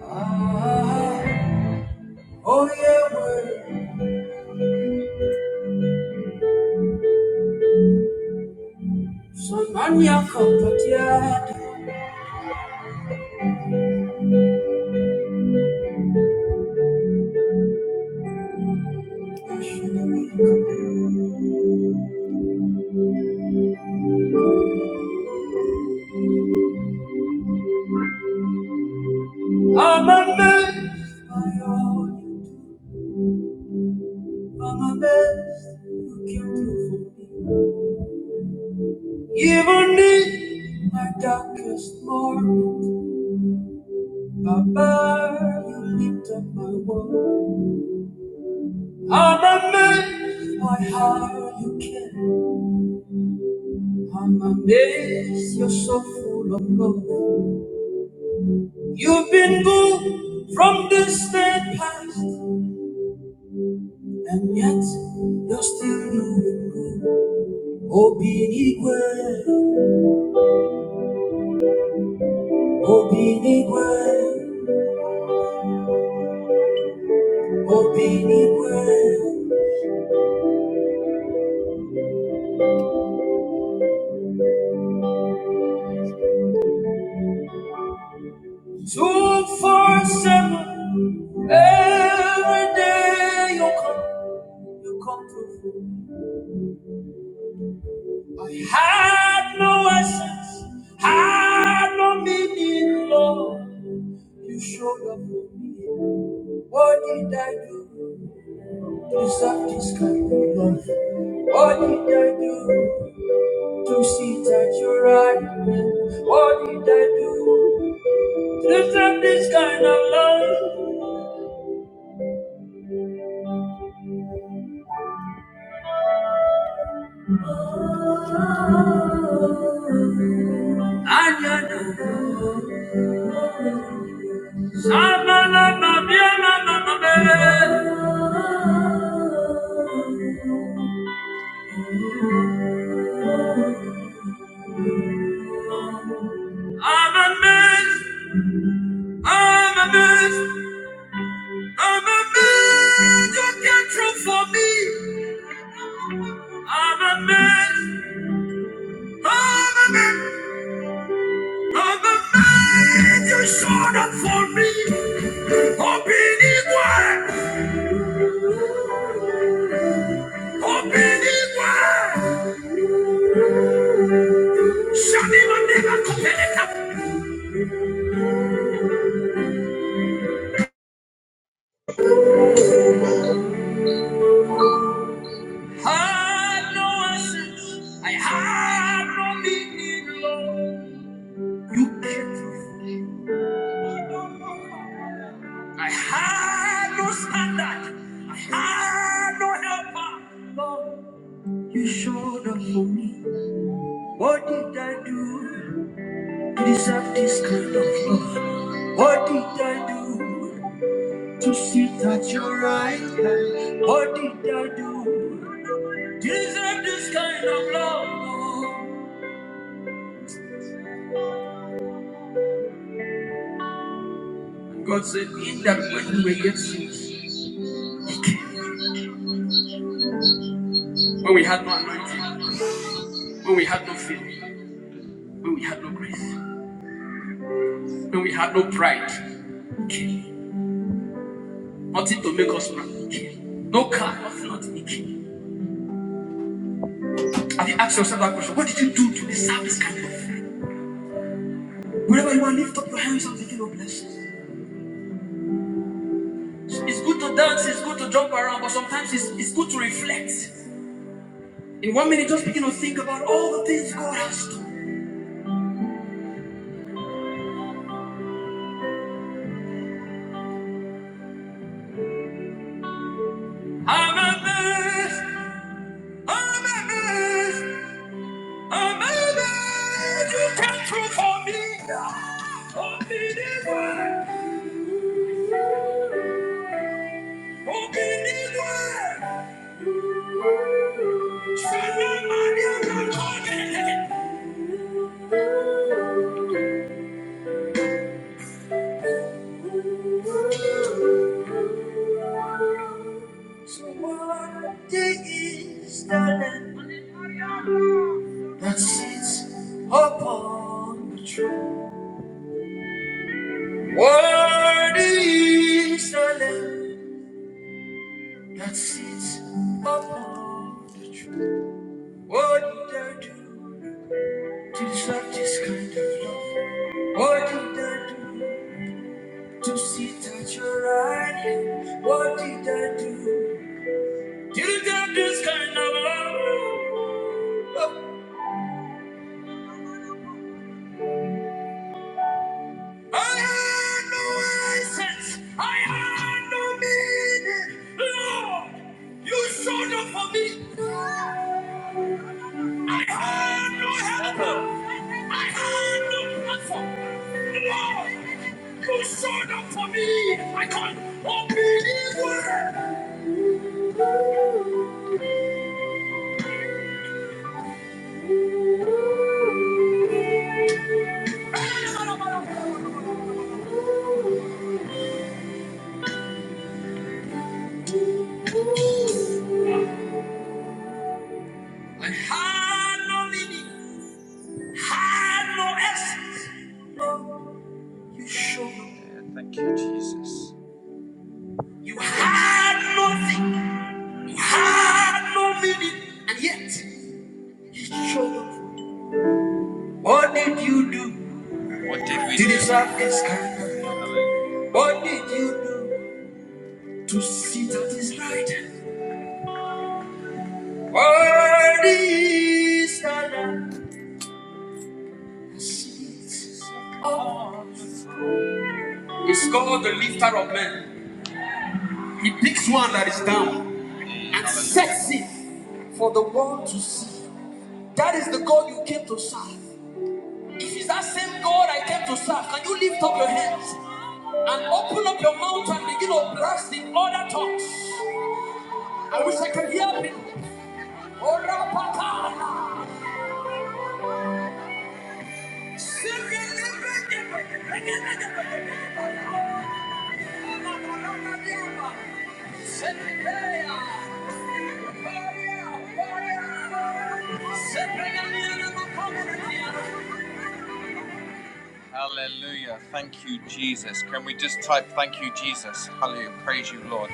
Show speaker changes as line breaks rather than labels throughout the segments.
Oh yeah, well, so man, you're comforted. I'm amazed by all you do. I'm amazed you came through for me. Even in my darkest moment, Baba, you lift up my world. I'm amazed by how you care. I'm amazed you're so full of love. You've been good from this day past, and yet you're still doing good. Obinigwe, Obinigwe, Obinigwe. Two, four, seven, every day you come, you come through. I had no essence, had no meaning, Lord. You showed up for me. What did I do? Just kind of love. What did I do to see that you're right? What did I do to deserve this kind of love? Anyana, Samana, Mabiana, Mamabe. I'm amazed, I'm amazed, I'm amazed. You came true for me. I'm amazed, I'm amazed. I'm the man you showed up for me. Hoping it were, hoping it were. Shani Mandela Kupeleka. Had no assets, I had no meaning, Lord. You came through. I had no standard, I had no helper, Lord. You showed up for me. What did I do to deserve this kind of love? What did I do? to sit at your right hand. What did I do? Deserve this kind of love. God said, In that when we were yet sinners, He came. When we had no anointing, when we had no faith, when we had no grace, when we had no pride, He came. Nothing to make us proud, He came. No car, nothing, nothing, He came. Have you asked yourself that question? What did you do to deserve this kind of love? Whenever you are, lift up your hands and begin to blessings. It's good to dance, it's good to jump around, but sometimes it's, it's good to reflect. In one minute, just begin to think about all the things God has done. I'm amazed. I'm amazed. I'm amazed. You came through for me. Unbelievable. Unbelievable. Surrender my life. So what day is the land that sits upon the throne? What is the land? That seeds of the truth. What did I do to deserve this kind of love? What did I do to see that your right? hand? What did I do to deserve this kind of love? I had no essence. I had no meaning. Lord, you showed up for me. I have no helper. I have no platform. Lord, you showed up for me. I can't unbeliever. I had no meaning. Had no essence. You showed up. Yeah, Thank you, Jesus. You had nothing. You had no meaning. And yet, you showed up. What did you do? What did we do? to do? deserve this kind of love? What did you do? To sit at his right, or his other, is the Lamb. It's called the lifter of men. He picks one that is down and sets it for the world to see. That is the God you came to serve. If it's that same God I came to serve, can you lift up your hands and open up your mouth and begin to blast the other talks? I wish I could hear him. Ora pata, singing different, singing different. Ola pala niama. Hallelujah. Thank you, Jesus. Can we just type thank you, Jesus? Hallelujah. Praise you, Lord.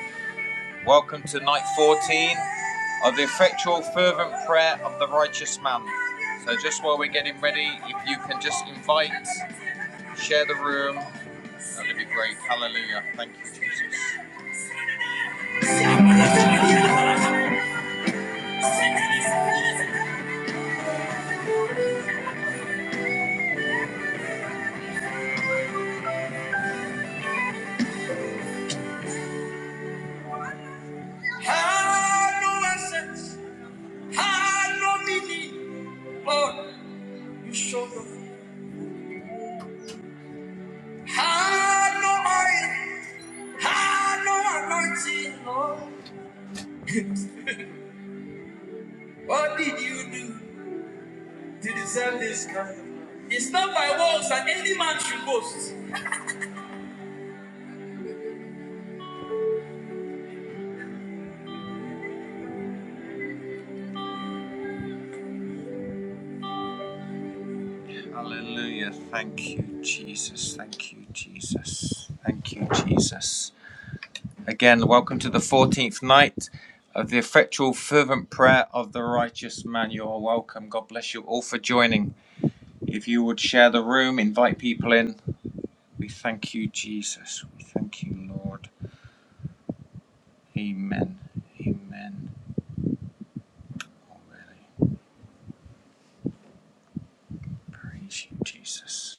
Welcome to night 14 of the effectual, fervent prayer of the righteous man. So, just while we're getting ready, if you can just invite, share the room, that'd be great. Hallelujah. Thank you, Jesus. no Had no meaning, Lord, you showed up. Had no oil, had no anointing, Lord. What did you do to deserve this kind of love? It's not by works that any man should boast. Hallelujah. Thank you, Jesus. Thank you, Jesus. Thank you, Jesus. Again, welcome to the 14th night of the effectual, fervent prayer of the righteous man. You are welcome. God bless you all for joining. If you would share the room, invite people in. We thank you, Jesus. We thank you, Lord. Amen. Amen. Oh, really? Praise you, Jesus.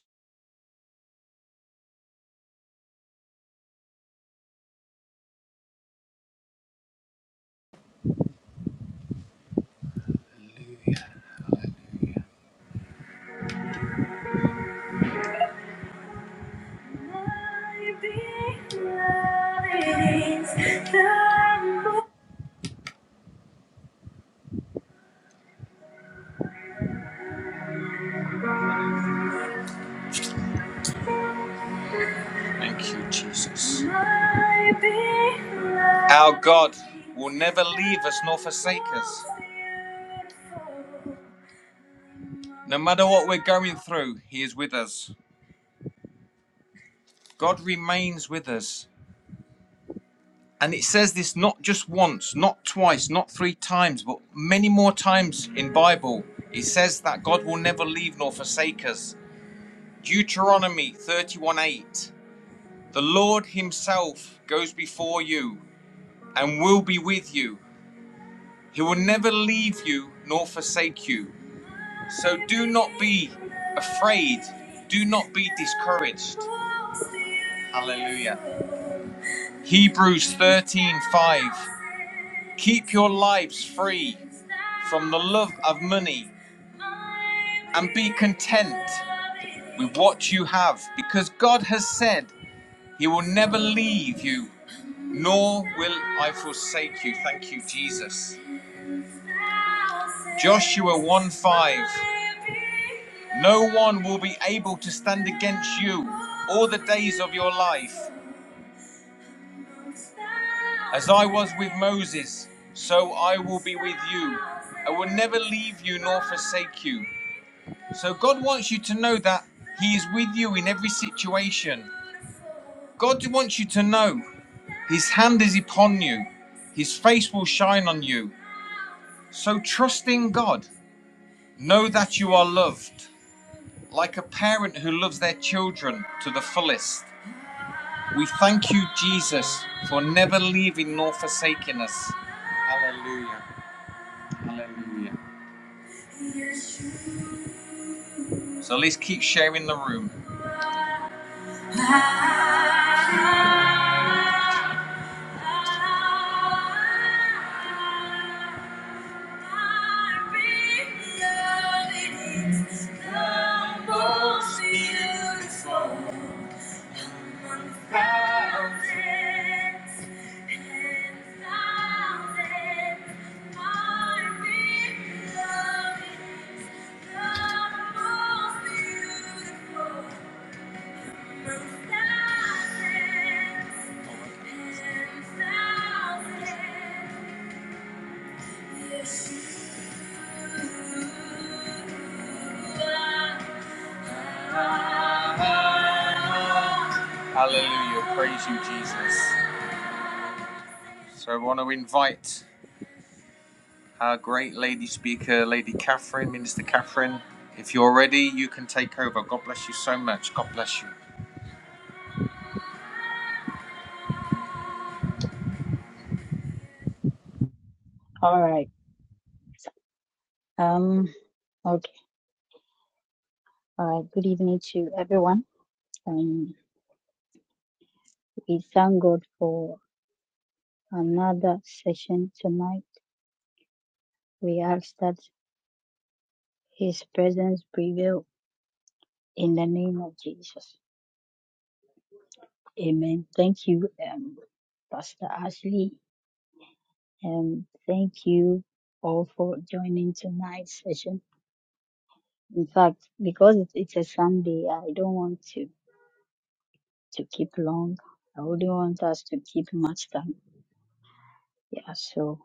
Thank you, Jesus. Our God will never leave us nor forsake us. No matter what we're going through, He is with us. God remains with us. And it says this not just once, not twice, not three times, but many more times in Bible. It says that God will never leave nor forsake us. Deuteronomy 31:8 The Lord himself goes before you and will be with you. He will never leave you nor forsake you. So do not be afraid. Do not be discouraged. Hallelujah. Hebrews 13:5 Keep your lives free from the love of money and be content with what you have because God has said he will never leave you Nor will I forsake you. Thank you, Jesus. Joshua 1 5. No one will be able to stand against you all the days of your life. As I was with Moses, so I will be with you. I will never leave you nor forsake you. So God wants you to know that He is with you in every situation. God wants you to know His hand is upon you, His face will shine on you. So trust in God. Know that you are loved, like a parent who loves their children to the fullest. We thank you, Jesus, for never leaving nor forsaking us. Hallelujah. Hallelujah. So let's keep sharing the room. Beautiful. Hallelujah. Praise you, Jesus. So I want to invite. Our great lady speaker, Lady Catherine, Minister Catherine, if you're ready, you can take over. God bless you so much. God bless you.
All right. Um, okay. Uh, good evening to everyone. Um, we thank God for another session tonight. We ask that His presence prevail in the name of Jesus. Amen. Thank you, um, Pastor Ashley, and thank you all for joining tonight's session. In fact, because it- it's a Sunday, I don't want to to keep long. I wouldn't want us to keep much time. Yeah. So.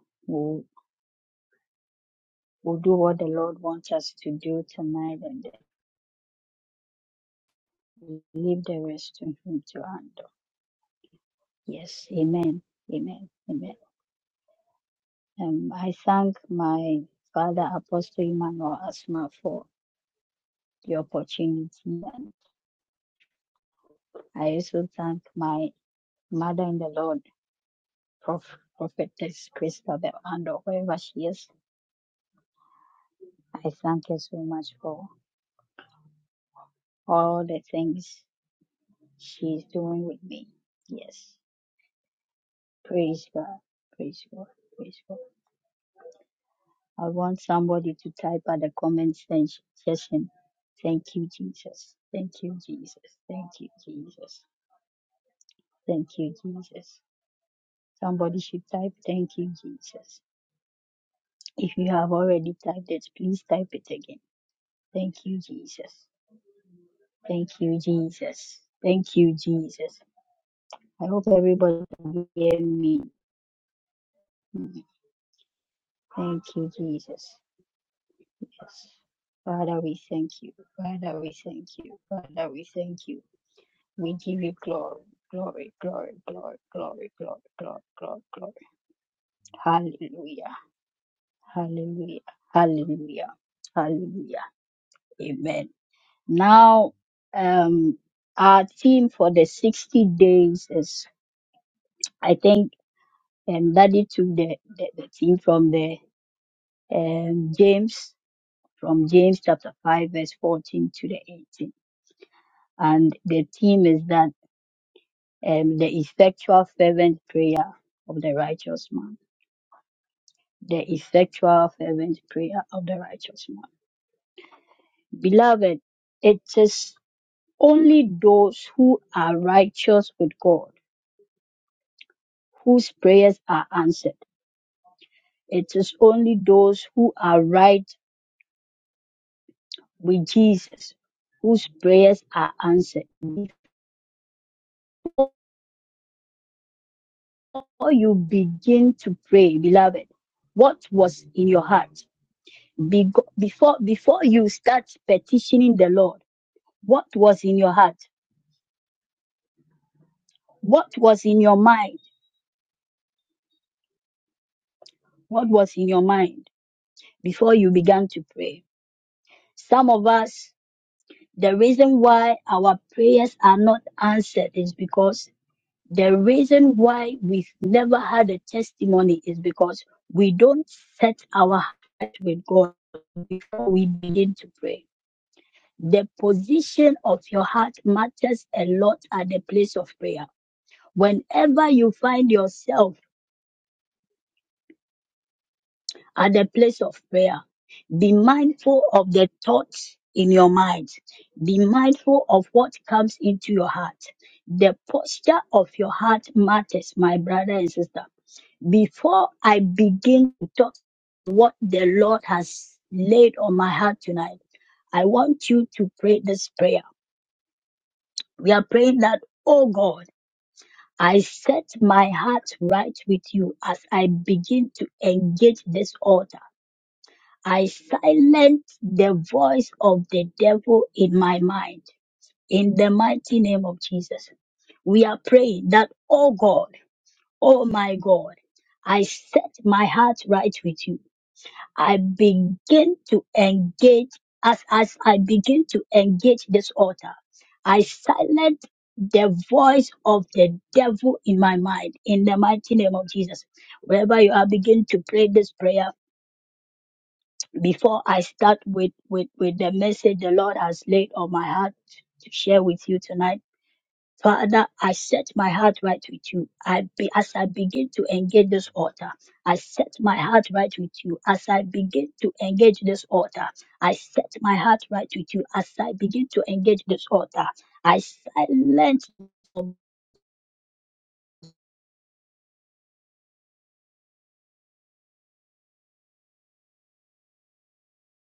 We'll do what the Lord wants us to do tonight and then leave the rest to Him to handle. Yes, Amen, Amen, Amen. Um, I thank my father, Apostle Emmanuel Asma, for the opportunity. And I also thank my mother in the Lord, Prof, Prophetess Christabel, and wherever she is. I thank her so much for all the things she's doing with me. Yes, praise God, praise God, praise God. I want somebody to type at the comment sen- section. Thank you, Jesus. Thank you, Jesus. Thank you, Jesus. Thank you, Jesus. Somebody should type, Thank you, Jesus. If you have already typed it, please type it again. Thank you, Jesus. Thank you, Jesus. Thank you, Jesus. I hope everybody can hear me. Mm. Thank you, Jesus. Yes. Father, we thank you. Father, we thank you. Father, we thank you. We give you glory, glory, glory, glory, glory, glory, glory, glory, glory. Hallelujah. Hallelujah. Hallelujah. Hallelujah. Amen. Now, um, our theme for the 60 days is, I think, and Daddy took the, the, the theme from the um, James, from James chapter 5, verse 14 to the 18. And the theme is that um, the effectual fervent prayer of the righteous man. the effectual fervent prayer of the righteous one. Beloved, it is only those who are righteous with God whose prayers are answered. It is only those who are right with Jesus whose prayers are answered. Before you begin to pray, beloved, what was in your heart? Bego- Before, before you start petitioning the Lord, what was in your heart? What was in your mind? What was in your mind? before you began to pray. Some of us, the reason why our prayers are not answered is because the reason why we've never had a testimony is because we don't set our heart with God before we begin to pray. The position of your heart matters a lot at the place of prayer. Whenever you find yourself at the place of prayer. Be mindful of the thoughts in your mind. Be mindful of what comes into your heart. The posture of your heart matters, my brother and sister. Before I begin to talk what the Lord has laid on my heart tonight, I want you to pray this prayer. We are praying that, oh God, I set my heart right with you as I begin to engage this altar. I silence the voice of the devil in my mind. In the mighty name of Jesus, we are praying that, oh God, oh my God, I set my heart right with you. I begin to engage as, as I begin to engage this altar. I silence the voice of the devil in my mind in the mighty name of Jesus. Wherever you are, begin to pray this prayer before I start with, with, with the message the Lord has laid on my heart to share with you tonight, Father, I set my heart right with you. I be, as I begin to engage this altar, I set my heart right with you. As I begin to engage this altar, I set my heart right with you. As I begin to engage this altar, I silence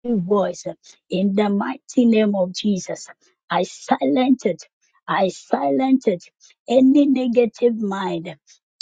voice uh, in the mighty name of Jesus. I silence it. I silence it. Any negative mind,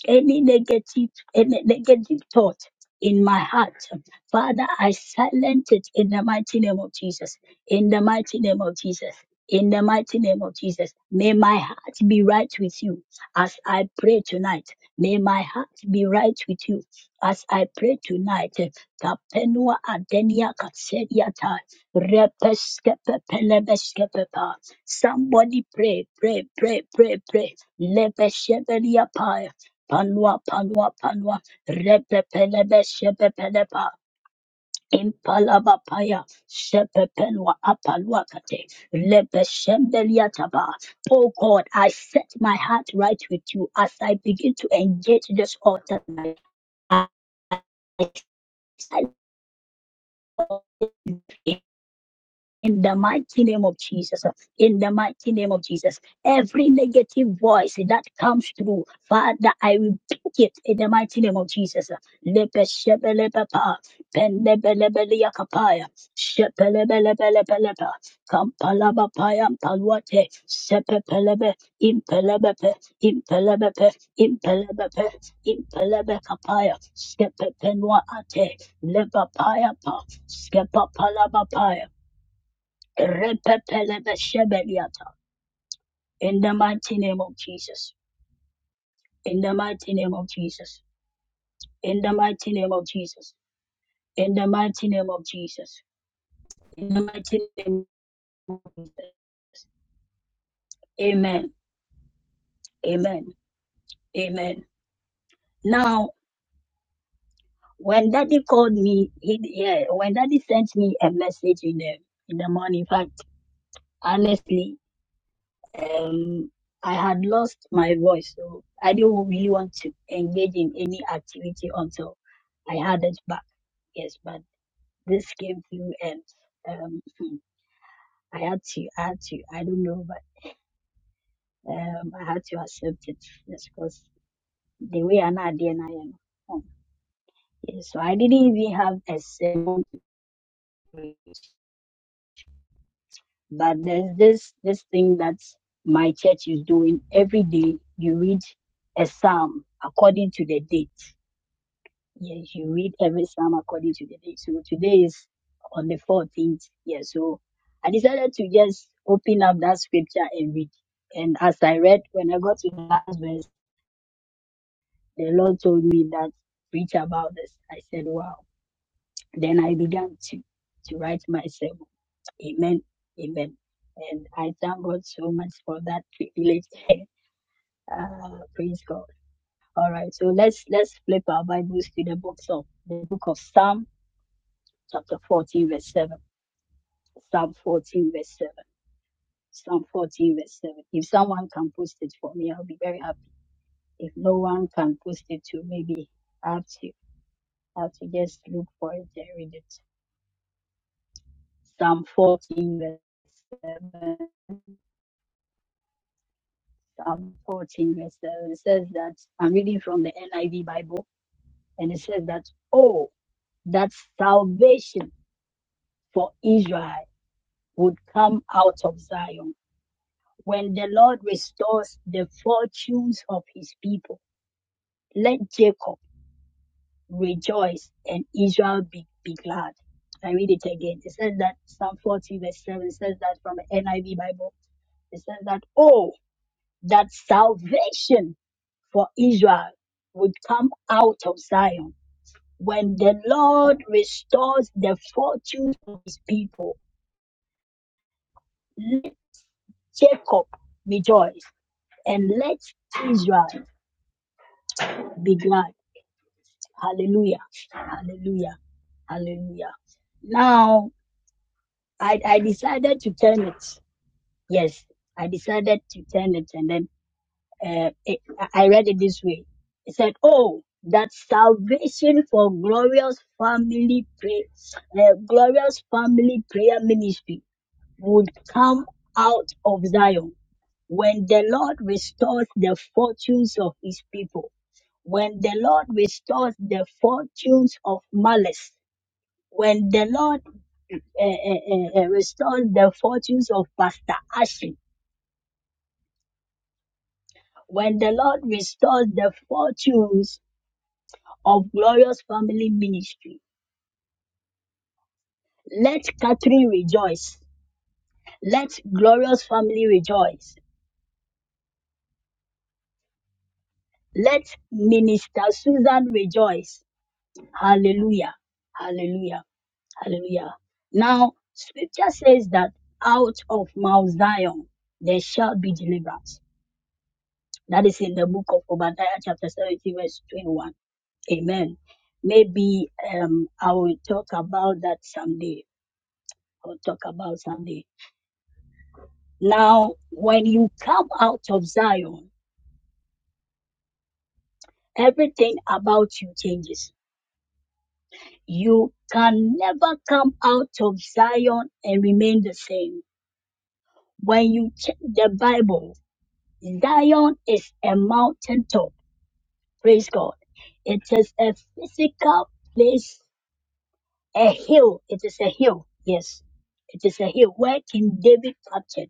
any negative, any negative thought in my heart. Father, I silence it in the mighty name of Jesus. In the mighty name of Jesus. In the mighty name of Jesus, may my heart be right with you as I pray tonight. May my heart be right with you as I pray tonight. Tapenua adenia kaseriata. Repeskepe pelebeskepepa. Somebody pray, pray, pray, pray, pray. Lebeshebelia pie. Panua, panua, panua. Repepelebeshepepelepa. Impalaba paya. Shepepenua apaluakate. Lebeshembelia Oh God, I set my heart right with you as I begin to engage this altar. tonight. I I in the mighty name of Jesus. In the mighty name of Jesus. Every negative voice that comes through, Father, I rebuke it in the mighty name of Jesus. Lepe shebelepepa, penebelebeliakapaya, shepelebelebelepepa, kampalabapaya mpaluate, sepepelebe, impelebepe, impelebepe, impelebepe, impelebekapaya, shepepenua ate, lebapaya pa, skepapalabapaya. Repepelebeshebeliata. In the mighty name of Jesus. In the mighty name of Jesus. In the mighty name of Jesus. In the mighty name of Jesus. In the mighty name of Jesus. Amen. Amen. Amen. Now, when daddy called me, he, yeah, when daddy sent me a message in the, in the morning, in fact, honestly, um, I had lost my voice, so I didn't really want to engage in any activity until I had it back. Yes, but this came through, and um, hmm, I had to, I had to, I don't know, but um, I had to accept it. Yes, because the way I now there now, you know. um, Yes, so I didn't even have a sermon, to preach, but there's this this thing that my church is doing every day. You read a psalm according to the day Yes, you read every psalm according to the day. So today is on the 14th. Yeah, so I decided to just open up that scripture and read. And as I read, when I got to the last verse, the Lord told me that preach about this. I said, wow. Then I began to, to write my sermon. Amen. Amen. And I thank God so much for that privilege. uh, praise God. All right. So let's, let's flip our Bibles to the books of the book of Psalm chapter 14, verse 7. Psalm 14 verse 7. Psalm 14 verse 7. If someone can post it for me, I'll be very happy. If no one can post it to maybe I have to, I have to just look for it and read it. Psalm 14 verse 7. Psalm 14 verse 7 it says that I'm reading from the NIV Bible and it says that, oh, that salvation for Israel would come out of Zion when the Lord restores the fortunes of his people Let Jacob rejoice and Israel be, be glad. I read it again. It says that Psalm 40 verse 7 says that from the NIV Bible. It says that, oh, that salvation for Israel would come out of Zion. When the Lord restores the fortunes of his people, let Jacob rejoice and let Israel be glad. Hallelujah. Hallelujah. Hallelujah. Now, I, I decided to turn it. Yes, I decided to turn it, and then uh, it, I read it this way. It said, "Oh, that salvation for glorious family pray, uh, glorious family prayer ministry would come out of Zion when the Lord restores the fortunes of His people. When the Lord restores the fortunes of malice." When the Lord and, and, and restores the fortunes of Pastor Ashley. When the Lord restores the fortunes of Glorious Family Ministry, let Catherine rejoice. Let Glorious Family rejoice. Let Minister Susan rejoice. Hallelujah. Hallelujah. Hallelujah. Now, scripture says that out of Mount Zion there shall be deliverance. That is in the book of Obadiah, chapter 17, verse 21 Amen. Maybe um, I will talk about that someday. I'll talk about someday. Now, when you come out of Zion, everything about you changes. You can never come out of Zion and remain the same. When you check the Bible, Zion is a mountaintop. Praise God. It is a physical place A hill. It is a hill. Yes. It is a hill where King David captured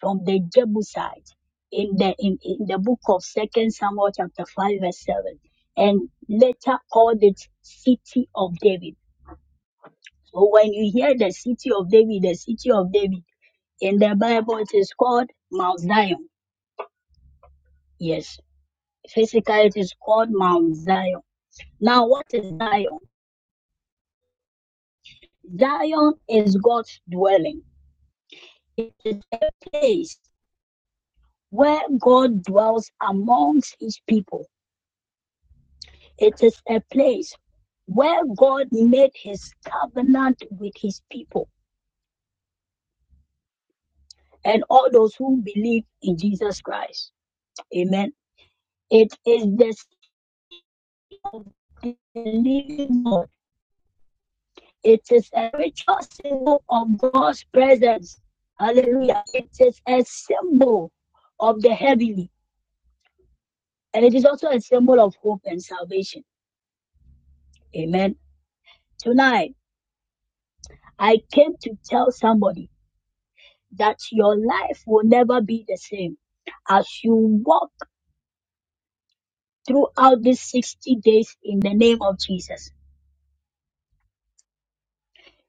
from the Jebusite in the in, in the book of Second Samuel chapter five verse seven, and later called it City of David. So when you hear the City of David, the City of David in the Bible, it is called Mount Zion. Yes, physically it is called Mount Zion. Now, what is Zion? Zion is God's dwelling. It is a place where God dwells amongst his people. It is a place where God made his covenant with his people and all those who believe in Jesus Christ. Amen. It is the symbol. of the living God. It is a ritual symbol of God's presence. Hallelujah. It is a symbol of the heavenly. And it is also a symbol of hope and salvation. Amen. Tonight, I came to tell somebody that your life will never be the same as you walk throughout these 60 days in the name of Jesus.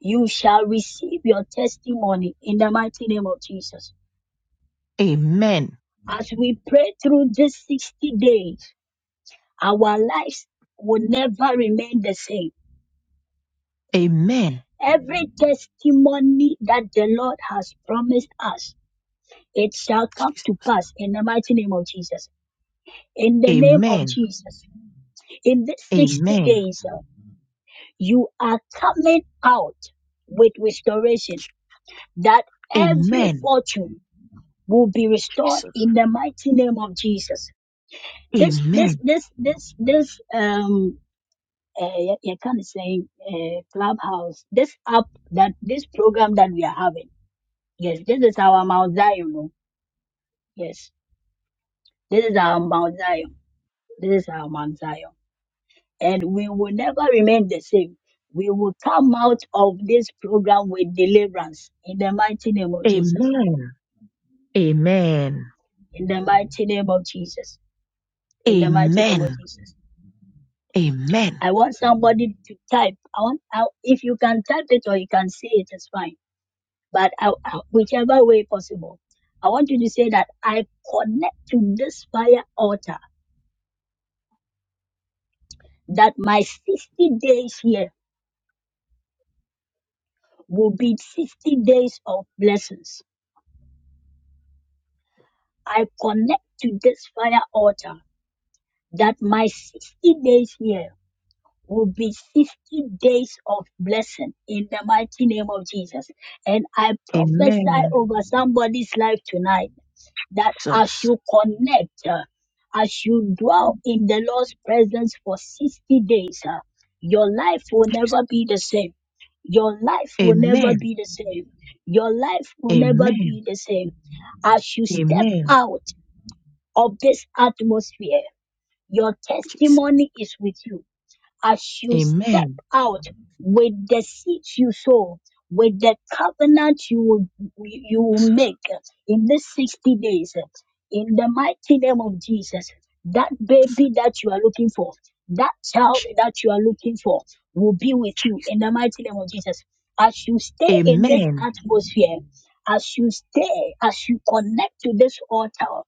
You shall receive your testimony in the mighty name of Jesus.
Amen.
As we pray through these 60 days, our lives will never remain the same.
Amen.
Every testimony that the Lord has promised us, it shall come
Jesus.
to pass in the mighty name of Jesus. In the name of
Amen.
Jesus. In these 60
Amen.
days, uh, You are coming out with restoration, that every
Amen.
fortune will be restored
Jesus.
in the mighty name of Jesus. This, this,
Amen.
this, this, this, um, uh, you you can say uh, clubhouse. This app that this program that we are having. Yes, this is our Mount Zion. oh. Yes, this is our Mount Zion. This is our Mount Zion. and we will never remain the same. We will come out of this program with deliverance in the mighty name of Jesus.
Amen. Amen.
In the mighty name of Jesus. In the mighty name
Amen.
of Jesus.
Amen.
I want somebody to type. I want I, if you can type it or you can say it, it's fine. But I, I- whichever way possible, I want you to say that I connect to this fire altar that my 60 days here will be 60 days of blessings I connect to this fire altar that my 60 days here will be 60 days of blessing in the mighty name of Jesus. And I prophesy
Amen.
over somebody's life tonight that as
Jesus.
you connect, uh, as you dwell in the Lord's presence for 60 days, uh, your life will
Jesus.
never be the same. Your life will never
Amen.
be the same. Your life will never
Amen.
be the same. As you step
Amen.
out, of this atmosphere. Your
Jesus.
testimony is with you as you step
Amen.
out with the seeds you sow, with the covenant you will, you will make in these 60 days. In the mighty name of Jesus, that baby that you are looking for, that child that you are looking for will be with you in the mighty name of Jesus. As you stay in this
Amen.
atmosphere, as you stay, as you connect to this altar,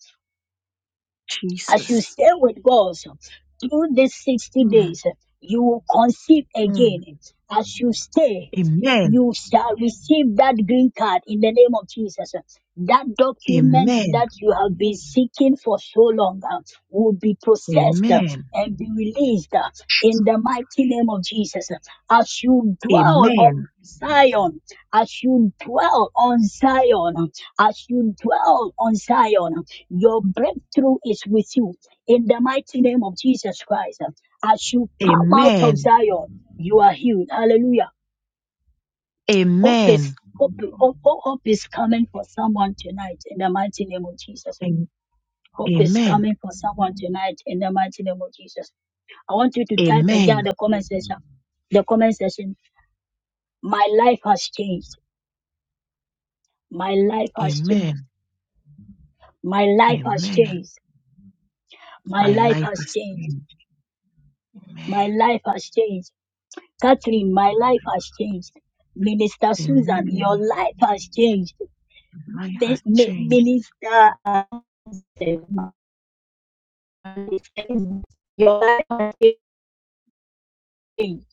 as you
Jesus.
stay with God so, through these 60
Mm,
days, you will conceive
mm.
again. As you stay,
Amen.
you shall receive that green card in the name of Jesus. That document
Amen.
that you have been seeking for so long uh, will be processed uh,
Amen.
and be released uh, in the mighty name of Jesus. As you dwell
Amen.
on Zion, as you dwell on Zion, as you dwell on Zion, your breakthrough is with you. In the mighty name of Jesus Christ, as you come out
Amen.
of Zion, you are healed. Hallelujah. Hope is,
Amen.
hope, hope, hope is coming for someone tonight in the mighty name of Jesus.
Am-
Hope is
Amen.
coming for someone tonight in the mighty name of Jesus. I want you to type
Amen.
again the comment section. The comment section. My life has changed. My life has changed.
Amen.
My life has
Amen.
changed. My
My
life
life
has
has
changed.
changed.
My
Amen.
life has changed. Catherine, my life has changed. Minister Susan, your
Amen.
life has changed.
My life
Mi-
has
mi-
changed.
Minister, uh, your life has changed.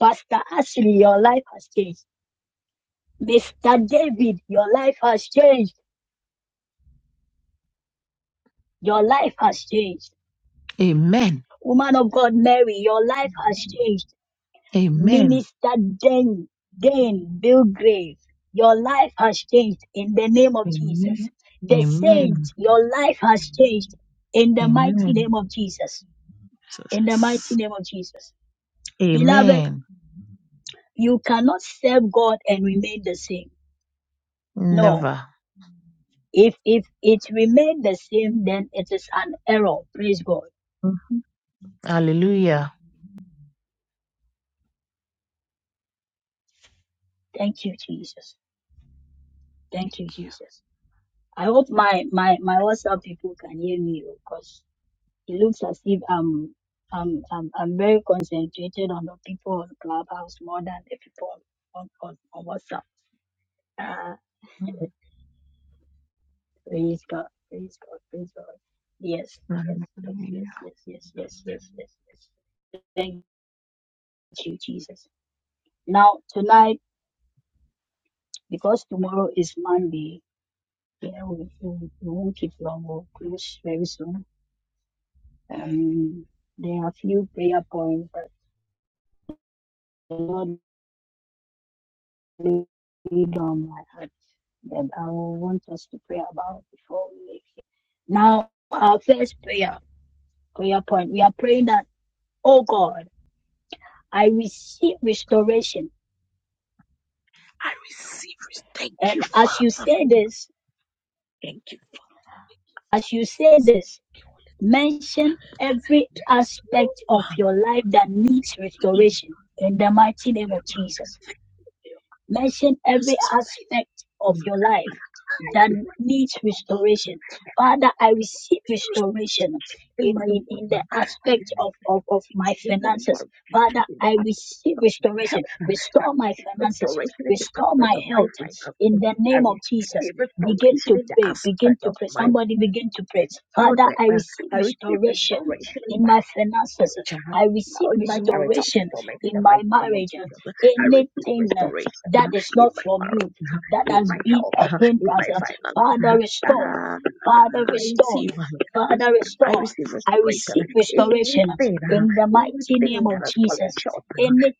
Pastor Ashley, your life has changed. Mr. David, your life has changed. Your life has changed.
Amen.
Woman of God, Mary, your life has changed.
Amen.
Minister Dan, Dan Bilgrave, your life has changed in the name of Jesus.
Amen.
The
Amen.
saints, your life has changed in the mighty
Amen.
name of Jesus. In the mighty
Jesus.
name of Jesus. Beloved,
Amen.
you cannot serve God and remain the same. No.
Never.
If if it remained the same, then it is an error. Praise God.
Mhm. Hallelujah.
Thank you, Jesus. Thank you,
Thank you.
Jesus. I hope my my my WhatsApp people can hear me because it looks as if I'm I'm I'm, I'm very concentrated on the people on Clubhouse more than the people on on, on WhatsApp. Ah, praise God, praise God, praise God. Yes, yes,
Mhm.
yes, yes,
Hallelujah.
yes, yes, yes, yes, yes, yes. Thank you, Jesus. Now tonight, because tomorrow is Monday, yeah, we, we, we won't keep long. We'll close very soon. Um, there are a few prayer points that the Lord laid on my heart that I will want us to pray about before we leave here. Now, our first prayer, prayer point, we are praying that, oh God, I receive restoration.
I receive it. Thank you,
And as
Father.
you
Thank
say
you, Father.
this,
Thank you,
as you say this, mention every aspect of
Lord.
your life that needs restoration in the mighty name of Jesus.
Thank
mention
you,
every
Jesus, for that.
aspect of your life
I
that
pray
needs
all
restoration. Father, I receive
the
restoration
in
in,
my
in, in the
world.
aspect of, of, of my
Heal my
finances.
mom
Father,
in the
I
act
receive
of
restoration.
uh, I
Restore my
receive
finances.
restoration in the
Restore
aspect
my
of my
health. In
finances.
the
I
name of Jesus,
receive
begin
restoration
to
in the
pray. Begin
aspect
to
of
pray.
my
Somebody begin to pray. Father,
children.
I
Uh,
receive
I receive
restoration
restoration in
in
my
my finances.
marriage. uh,
I receive
in my marital
restoration
settlement in
in
the
my
mighty name of
marriage
Jesus. I receive
anything
restoration uh,
that is
in
not
my
from you
marriage, uh,
that
in
has
my
been
health,
a
uh, in
hindrance.
my finances.
Father, restore.
Uh,
Father,
I
restore.
receive.
Father,
I
restore.
receive
I receive
restoration.
restoration
Anything,
in the mighty name
anything
of
that has fallen
Jesus.
short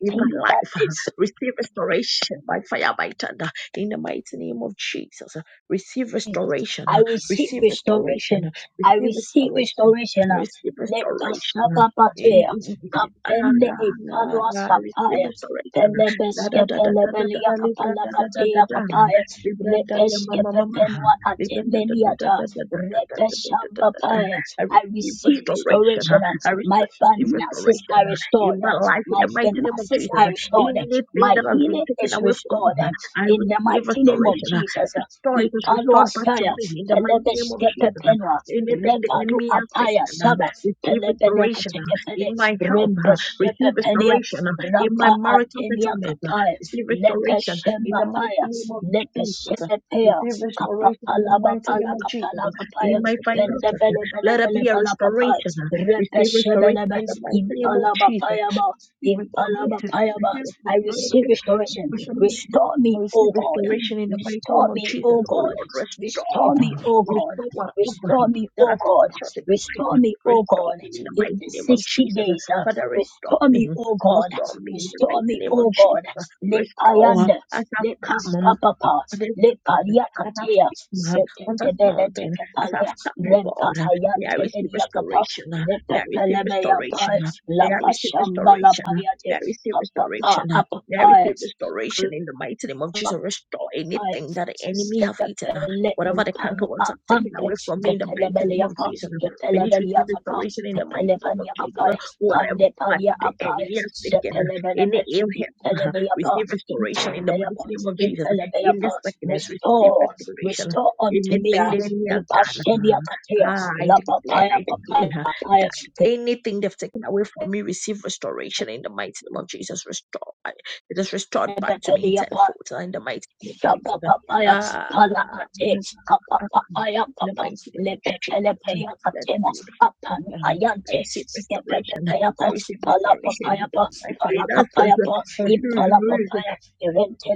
in my
that
life,
is
receive restoration by fire, by thunder, in the mighty name of Jesus. Receive
Jesus.
restoration.
I receive
Receive
restoration.
restoration.
I
Receive
receive
restoration.
restoration.
Receive
Let the
restoration. In,
sababatea
in, in, ah,
kapende
ah,
e
ah,
palwa
ah, receive
sapaya.
restoration. Da da
Pelebeske
da da da da da
pelebelia
da libra
kapala
da da da da
katea
da
kapaya.
libra da da
Lepeske
mama mama
pepenwa
I receive
atemeniata. Repeshamba paya. I receive
restoration.
restoration.
huh? I
My
receive
finances
restoration
are
huh,
restored.
in my life in
My
the mighty name of
finances
Jesus.
are
huh.
restored.
Anything
My
that has been
healing
taken
is
away from me,
restored.
huh, I
In the
receive
mighty name of
restoration. huh.
Jesus.
Restore it is
Ipanua
restored back to
Taya,
me in the mighty name of Jesus. huh.
Telebeskepenua,
Anything the
Repalu
enemy has
Apaya
taken, huh,
Saba,
receive
Telebeleka
restoration huh,
Tekepele,
in my health. huh, Receive
Rembeshepepelia,
restoration huh, in
Rapa
my marital
Atenia
settlement. huh,
Kapaya,
Receive restoration in the mighty
Lepeshemapaya,
name of Jesus.
Lepeshepepea,
Receive restoration in the
Kapapalaba
mighty
Pala
name of Jesus.
Kapala Kapaya,
In my finances, let there be a
Bendebelebelebelebelapapa,
restoration. Receive restoration
Rebeshebelebe,
in the mighty name of Jesus.
Impalabapayaba,
Receive restoration.
Impalabapayaba.
Receive
I receive
restoration.
restoration.
restoration.
Restore
I
me,
receive
O God.
restoration in the mighty name
Restore
of
me,
Jesus.
O
Oh
God.
Lord, restore.
Restore me, O God.
Restore whatever
Restore me,
that
O
has been
God.
short in my
Restore
life.
me, O
Restore
God.
me in the
In
mighty
the
name of
60
Jesus.
days. Jesus.
Father, restore
Restore me,
me.
O God.
Restore me in the
Restore
mighty
me,
name
O
of
God.
Jesus.
Le
Restore
payande,
as I've
le
come
paskapapa,
on
le
this
pariakatea,
as I've come uh, on this
seketebele
mountain, as I've
tekepalea,
come, oh
rempa
God, uh, may I
hayante
receive
beriakapa,
restoration, uh,
le
may I receive
pepelebeya
restoration,
pai,
uh, may
la
I receive
pashamba la
restoration, uh,
payate,
may I receive
apapa,
restoration, uh, may I receive
apapa,
restoration in the mighty name of Jesus. Restore anything
I've
that the enemy
stepped
have eaten,
a
uh,
little
whatever the
paru
canker worms have taken
apampe,
away from me in the mighty name
Capelabellia
of
pass,
Jesus. May it
Capelabellia
receive
pass,
restoration in the mighty name of
Capelabania
Jesus. uh,
pass,
Whatever
Pandepadia
the enemy has
pass,
taken, uh, any
Sepelabelapes,
ill health, uh,
Impelabia
receive
pass,
restoration in the
Impelabia
mighty name
pass,
of Jesus
Impelabia
in this
pass,
sickness, receive
restore,
restoration.
restore unto me,
Anything
uh,
the enemy
the
has done,
Pasenia Capia,
ah, I
La
declare,
Papaya
I
Papaya
declare
Papaya,
that
the
anything they've taken away from me, receive restoration in the mighty name of Jesus. Restore, I- it is restored back to me in
Capelabellia
tenfold ah, in the mighty name of
Shapa
Jesus.
papaya.
Ah,
pala ate kapa
ah,
papaya,
in the
papa
mighty name of Jesus,
lepepelepeya
let it
katema
be
apan
restored. Um, I
ayante
receive restoration.
skepepepeya pa
I receive
pala papaya
restoration.
pa
My
pala
finances.
kapaya pa impala papaya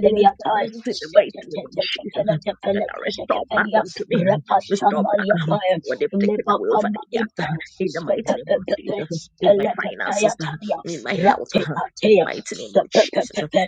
And I said, "This is in the mighty name of Jesus. And I restore back
shetetetetetetetetetetetetetetelia
unto me.
repa
Restore back
shamalia
um,
paya
what they've taken away over
lepapama
the years. uh,
impa
In the mighty name of
skepepepepe
Jesus. In my
pelepepeya
finances. uh,
tania
In my health. uh,
rate
In the
atea
mighty name of
skepe
Jesus
pepepe,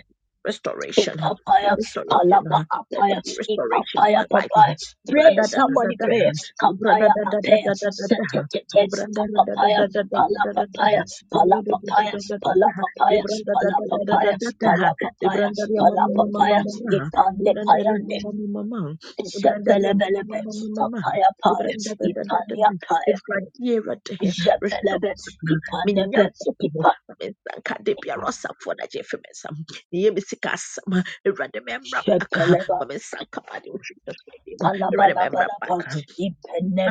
restoration,
Ipapaya,
restoration,
palapa
uh, let there
apaya,
be restoration in
ipapaya
my life. uh,
papaya. Pray, somebody
bra-da-da-da-da-da,
pray.
uh,
Kapaya apaya,
bra-da-da-da-da-da-da-da,
setetete,
uh,
kapapaya,
bra-da-da-da-da-da-da-da-da-da,
palapapaya,
uh,
palapapaya,
bra-da-da-da-da-da-da-da, uh,
palapapaya,
bra-da-da-da-da-da-da-da, da uh, da da da da
palapapaya, palapapaya,
da ma da da
palapapaya, ipande
da.
payande.
ma ma da da ibrandaria
Zepelebelebe, kapaya paya,
da da da da da da.
ipanya
Ibrandadadadadada.
paya,
It's right here, right there. Restore.
zepelebe,
uh,
ipanebe,
Minyankopo,
ipa,
Mizankadepiarosa, Fonajefe, Near me sick as some, remember back, Mamma Sanka, you should remember
Palabalabalaba,
back.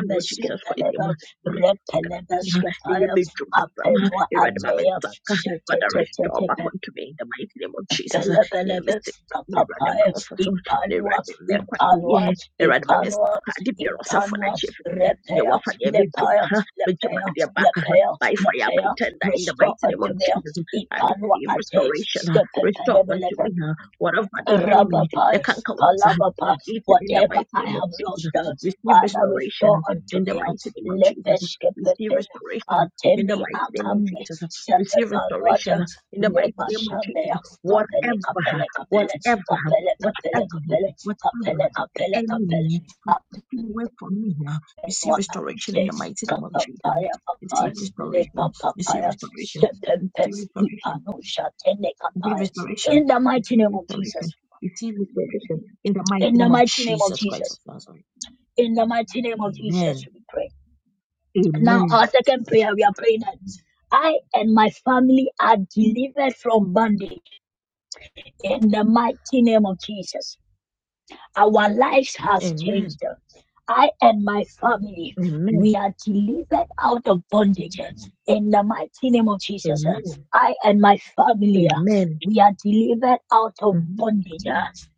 Lord Jesus Christ, yɛma yɛ sikasɛm ha ne yɛ
Repelemeskepaya,
medwuma sɛm ha
Apenwa
Awurade ma me
Atea,
nsanka Father restore back
Shetetetetepe.
unto me in the mighty name of Jesus ah, neɛ
Pelebelebe,
mese ne Awurade ma
Papaya,
wɔfa so ne
Ipanwa,
Awurade mma ɛkwan
Ipanwa,
nie Awurade ma me
Ipanwa,
nsanka ade biara ɔsafo no
Ipanwa,
akyi ɛfiri sɛ neɛ
Repea,
wafa neɛ
Lepaya,
medwuma ha my
Lepea,
dear, baaka ha
Lepea,
by fire by
Lepea,
tender in the
restore
mighty name
unto
of
me,
Jesus I
Ipanwa
receive
Ate,
restoration ah,
Stepe
restore unto me ah, whatever the enemy the
Rabbapas,
canker worms ah,
Palabapas,
have eaten in the
whatever
mighty
I
name of
have lost,
Jesus
uh,
receive
Father,
restoration
restore unto
in the
me. uh,
mighty name of Jesus. Receive
Lebeskepepin,
restoration in the
Atemi
mighty name of
Akame,
Jesus. Receive restoration
Sepepanwata,
in the mighty name of Jesus.
Lebashamea, Kapele,
Whatever,
Kapele,
whatever,
Kapele,
whatever,
Kapele, Kapele,
whatever
Kapele, Kapele,
the
Kapele,
enemy has
Kapele,
taken away from me, uh, receive restoration in the
Apelwakante,
mighty name of Jesus.
Kapapaya, Papa,
Receive restoration. Receive
Lepapapaya,
restoration.
Sepempe,
Receive restoration.
Ipano, Shatene,
Receive
Kapaya.
restoration.
In the mighty
Receive
name of
restoration.
Jesus.
Receive restoration in the mighty
In the
name of
mighty name of
Jesus Christ of
Jesus.
Nazareth.
In the mighty name of Jesus,
Amen.
we pray. Now, our
Amen.
second prayer, we are praying that I and my family are delivered from bondage. In the mighty name of Jesus. Our lives has
Amen.
changed. I and my family, we
Amen.
are delivered out of bondage in the mighty name of Jesus.
Amen.
I and my family,
Amen.
we are delivered out of
Mhm.
bondage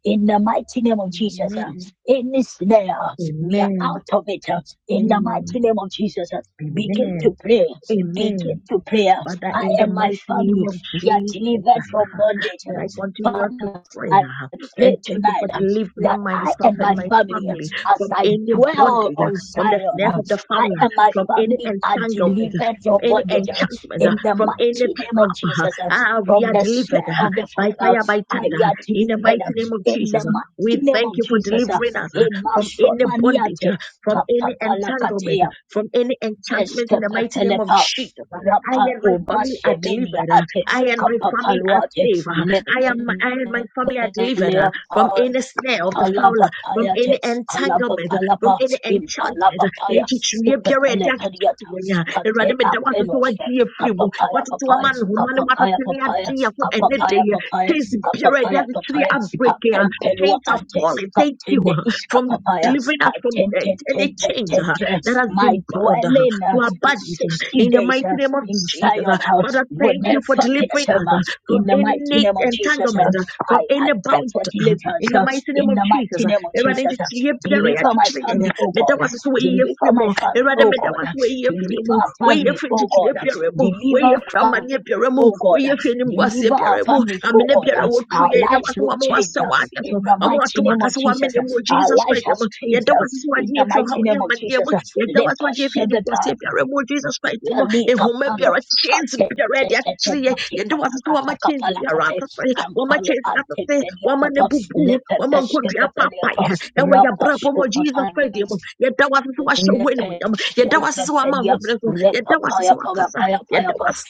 in the mighty name of Jesus.
Amen.
In this snare, we are
Amen.
out of it in the
Amen.
mighty name of Jesus. Begin to
Amen.
pray.
Amen.
Begin to pray.
Father,
I
in the
and my
mighty name
family,
of
we are delivered
Jesus,
from bondage.
And I continue to
Father,
pray
I
uh,
pray
and thank you
tonight
for
um,
delivering
that I
myself
and
and
my
my
family, um,
family
as
from
I
any
dwell
bondage, uh,
on
from the
Zion,
snares
um,
of the
I
fowler,
and my
from any
family are
entanglement, uh,
delivered
from
from
any
bondage um,
enchantment, uh,
in the
from any
mighty name of
trap. uh,
Jesus. um,
Ah, we
From
are
the
delivered
snare
uh,
of the
by
fall, um,
fire, by
I
thunder,
we
uh,
are
in the
delivered
mighty
um,
name of
in the
Jesus. uh, We
mighty name
thank
of
you for
Jesus. um,
delivering us uh,
In
from any bondage, uh,
Masomaniate,
from any entanglement, uh,
Kapapalakatea,
from any enchantment, in the mighty name of
Eskepepelepa,
Jesus. uh, I
Rapa
and my family are
Umashemenia
delivered. uh,
Ate,
I and my family are saved.
Kapapaluate,
uh, I am, I and my family are delivered uh, from
Lepeleapa,
any snare of the fowler, from
Palapapayate,
any entanglement, uh, from
palapapalapa,
any enchantment. uh,
impalapapaya,
ɛnkyekyeree biara a ɛde akyekye
stepepelepadiata,
yɛn a, Awurade,
kate
meda wo ase sɛ
apenoso,
woagye yɛn afiri mu.
kapapaya
Woatete w'ama
papaya,
ne nhoma ne
kapapaya
woatete ne
papaya,
ade yɛn ho ɛnnɛ da
kapapaya
yi.
papaya,
Chains biara a ɛde
kapapaya papaya,
abreak yi
hapempelua
chains are
ante,
falling. Thank you
katene
uh,
iska
from
papaya,
delivering us from
haten
uh,
ten ten
any
ten
chains
ten
uh,
ten,
that has
my
been bound uh,
dwelling
to
uh,
our
is
bodies uh,
60
in the
days
mighty
uh,
name of
in
Jesus. uh.
Zion uh,
Father,
will
thank
never
you for delivering
pass.
us.
um,
uh,
uh,
from
In the mighty
any
name of Jesus, uh,
entanglement, uh, from
I, I
any
pray
bound.
for
um, In
deliverance.
the
uh,
mighty name
In
of
the
Jesus,
mighty
uh,
name of
Erade
Jesus, uh,
nchichiri ebiara a
deliver my
yɛakyekyere yɛn, uh,
family, oh
meda
God. uh.
w'ase sɛ woyɛ
Deliver
firi mu.
my family,
Erade,
oh
meda
God.
w'ase
uh.
sɛ woyɛ firi
Deliver
mu.
our
Woyɛ
families,
firi
oh
nchichiri
God. uh.
ebiara mu.
Deliver
Woyɛ firi amanneɛ biara mu.
oh God.
Woyɛ firi animguaseɛ
Deliver our
biara mu.
families, oh
Amena biara
God.
a
Our
wɔatuiɛ, yɛda
lives
w'ase sɛ
will
wɔama
change
wɔasɛ
uh,
wɔn adeɛ
in
so.
the
Wɔama wɔato
mighty
wɔn
name
aka
of
sɛ
Jesus.
wɔamene
uh,
mu wɔ
Our
Jesus
lives
Christ
has
mu.
changed
Yɛda
uh,
w'ase sɛ
in
wɔagye
the
yɛn firi ɔhaw
mighty
ne
name of
amanneɛ
Jesus.
mu
uh,
yɛda wo
Let
ase
us
wɔgye yɛfi
share the
animguaseɛ
God.
biara mu jesus christ din mu ehoma
Kalikapalo,
biara chains
kate,
biara
te,
yɛde
te, te,
akyekyere yɛ
kate,
yɛde wo ase
kata,
sɛ
kata,
wama chains
kapala,
biara
kate,
atete wama
kampalo,
chains no
ante,
atete
penia,
wama no
kapa,
abubu
lepe,
wama
peske,
nkondua
pepelia,
paapae
pa,
ɛwɔ yɛabrabɔ mu wɔ jesus
rapa,
christ din mu yɛda wo ase sɛ wahyɛ wo animuonyam yɛda wo ase sɛ
Papaya,
wama ahobrɛ so yɛda wo ase sɛ wakasa yɛda wo ase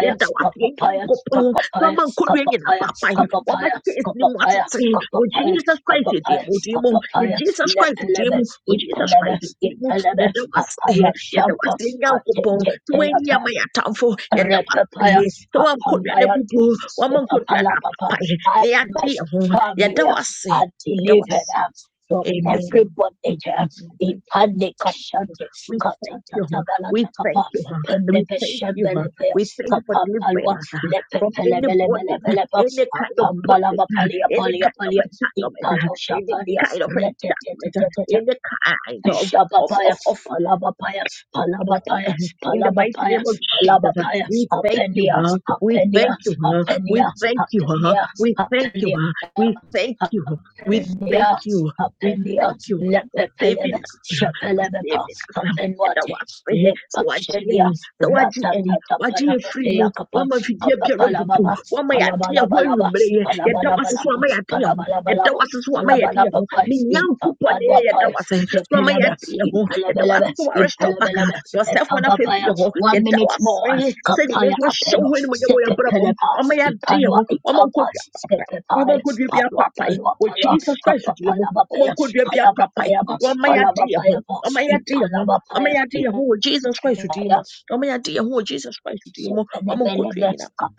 yɛda wo ase yɛ nyankopɔn sɛ wama nkondua nyina paapae wama chains no mu atete wɔ jesus christ din mu din mu jesus christ din mu jesus christ din mu yɛda waseɛ yɛda waseɛ nyankopɔn sɛ woanyia ma yɛatamfo yɛda waseɛ
Repapayas,
sɛ woankɔdua no abubuo
Pampayantos,
woama
the
nkɔdua no
Papalapapa,
apapaeɛ
I
na
and my
yɛade yɛ ho
family
yɛda wase
are
yɛda
delivered
wase
uh, from
amen
every bondage,
In the
the
mighty name of Jesus,
Pandikashantis,
We thank you, huh? we thank
Katatatabalakapa,
you, huh? we thank you, huh? we
Pendepeshembelepeos,
thank you for delivering
Kapapalwa,
us huh, from any bondage, uh,
Lepepelebelebelebelepa,
any kind of bondage,
Pambalava
huh,
Palia
any
Palia
kind of
Palia, the
entanglement, huh,
Palosha
any
Palia,
kind of enchantment, huh,
Retetetetet,
any kind of of, of,
Shabapayas,
of
Palabapayas,
of
Palabapayas,
in the mighty name of
Palabapayas,
Jesus.
Palabapayas,
We thank you, huh?
Apenias,
We thank you,
Apenias,
huh? We
Apenias,
thank you, huh?
Apenias,
We thank you,
Apenias,
huh? We thank you. We thank
Apenias,
you. We thank
Apenias,
you for saving us,
Lepepelemes,
huh? for
Shepelemepas,
saving us. ɛda
Apenwati,
w'ase. Sɛ wagye yɛn,
Lepashenia,
sɛ wagye yɛn,
Ratata
wagye yɛn firi mu,
Panakatea Kapan,
woama afidie biara abubu,
Apapalababa,
woama yɛade yɛn ho
Palabalabalaba,
anwummerɛ yɛ, yɛda w'ase so
Palabalabalaba,
ama yɛade yɛn ho, yɛda
Palabalabalaba,
w'ase so ama yɛade yɛn ho,
Palabalabapa,
ne Nyankopɔn na ɛyɛ yɛda
Ipapadwapa,
w'ase so ama
Sepelebe,
yɛade yɛn ho, yɛda w'ase
Impalebelebe,
so wɔarestore back huh?
Impalebelebe,
Yourself when I yɛsɛ fo
Epabapaya,
no afeefie hɔ
one
yɛda
minute more,
wase sɛ
Kapaya
nwumere so wahyɛ
Apeno,
wo anim yɛ ma yɛbrabɔ mu
Sepepelepa,
wama yɛade yɛ
Ipanwa
ho wama
Ipapa,
nkɔdua papa
Sepepai,
wama be a
Palwa
apapae
Palwa
wɔ
Palwa,
jesus christ deɛ mu wama
Kapapalabapaya,
nkɔdua bi apapae
Palabapayaba,
wama yɛade yɛ ho
Palabapayaba,
wama yɛade yɛ ho wama
Ipalabapaya,
yɛade yɛ ho wɔ jesus christ din mu
Kapaliapa,
wama yɛade yɛ ho wɔ jesus christ din mu wama nkɔdua a papae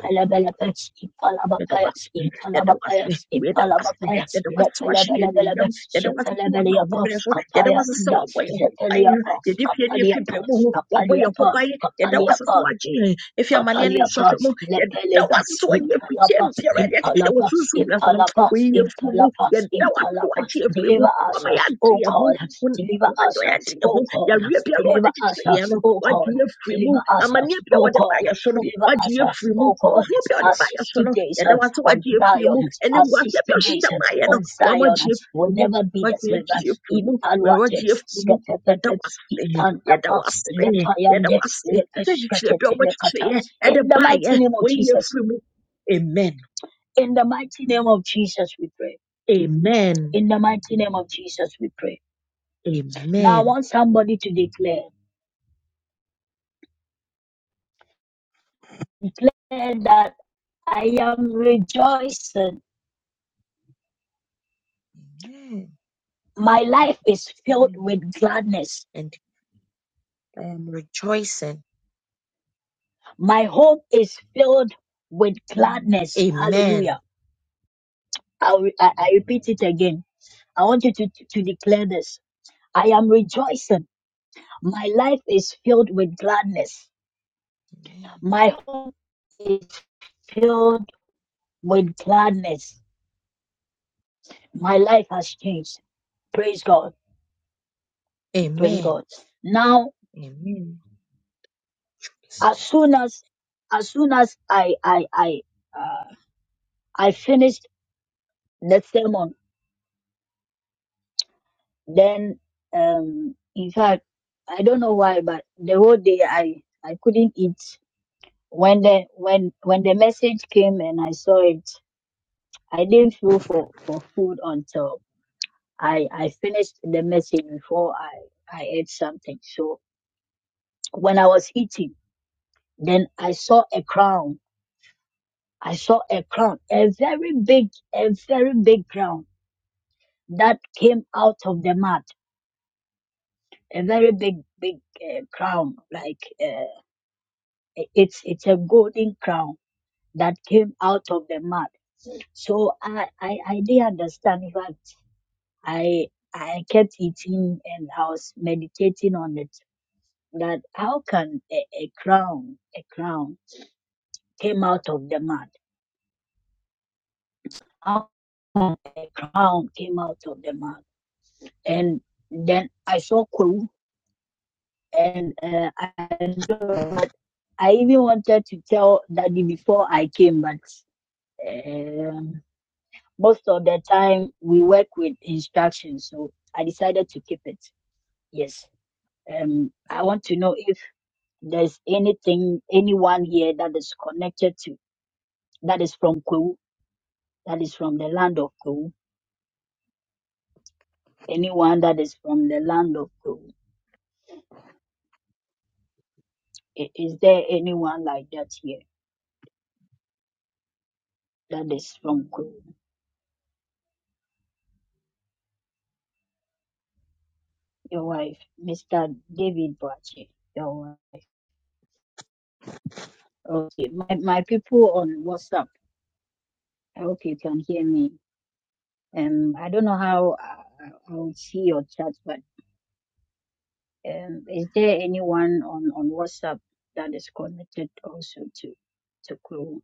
yɛda wase yɛda wase yɛda wase yɛda wase sɛ wahye yɛn anuonyam yɛda wase sɛ wama wo homene so yɛda wase sɛ wabɔ yɛn ho ban yɛde fie ne yɛfi baamu ho
Kapaliapa,
wabɔ yɛn ho
Kapaliapa,
ban yɛda wase
Kapaliapa,
sɛ wagye yɛn ɛfi amanneɛ ne
Paliapa,
nsɔhwɛ mu yɛda
Lepeleva,
wase sɛ wayɛ afikyɛm
Impalapa,
biara de akyekyerɛ wɔ
Impalapa,
sunsum nyankopɔn
Impalapa,
wɔyi yɛ firi mu
Impalapa,
yɛda wase sɛ
Impalapa.
wagye yɛ firi mu
Deliver us,
wama yɛade
O
yɛ ho
God.
wo
Deliver us,
Wọ́n yà di
O
ẹ̀hún,
God.
yàrá biara
Deliver
ọ̀dẹ kyekyere yẹn
us,
no,
O
wàá
God.
di yẹ firi mu,
Deliver us,
amanneɛ
O
biara de bá
God.
yẹ so no,
Deliver
wàá di
us,
yẹ firi mu,
O God,
ɔhaw biara de
our
bá yɛ so
60
no
days
yɛda wase
on
wagye afiri
Zion,
mu ɛne
our
mboaseɛ bi
60
a
days
ɔhyehyɛ maayɛ no
on Zion
wamagye
will
afiri mu
never be the
wagye
same.
agye afiri mu
In
ɔyɛ
Palwate,
wagye afiri mu yɛda
Skepepepe,
wase yɛda
Ipandapa,
wase yɛda
Lepayande,
wase sɛ kyekyerɛ bi a
Lepesketetelekata.
wɔbɛkyekyereɛ ɛde
In the
baayɛ
mighty name of
wɔayi
Jesus,
afiri mu amen
in the mighty name of Jesus, we pray.
amen
In the mighty name of Jesus, we pray. Now, I
amen
want somebody to declare, declare that I am rejoicing.
Amen.
My life is filled
Amen.
with gladness.
and I am rejoicing
My home is filled with gladness.
amen
Hallelujah. I, will- I, I repeat it again. I want you to, to declare this. I am rejoicing. My life is filled with gladness. My home is filled with gladness. My life has changed. Praise God. Praise
amen
God. Now,
Amen.
as soon as, as soon as I, I, I, uh, I finished the sermon, Then, um, in fact, I don't know why, but the whole day I, I couldn't eat. When the, when, when the message came and I saw it, I didn't feel for, for food until I, I finished the message before I, I ate something. So when I was eating, then I saw a crown. I saw a crown, a very big, a very big crown that came out of the mud. A very big, big uh, crown, like. uh, it's it's a golden crown that came out of the mud. So I I, I didn't understand in fact I I kept eating and I was meditating on it that how can a, a crown a crown came out of the mud? How come a crown came out of the mud? And then I saw Kuru and uh, I I even wanted to tell Daddy before I came, but uh, most of the time we work with instructions, so I decided to keep it. Yes. Um, I want to know if there's anything, anyone here that is connected to, that is from Kwu, that is from the land of Kwu, anyone that is from the land of Kwu. I- Is there anyone like that here that is from Kwu? Your wife, Mr. David Boache, your wife. Okay, my, my people on WhatsApp, I hope you can hear me. Um, I don't know how I I will see your chat, but um, is there anyone on, on WhatsApp that is connected also to to Crew?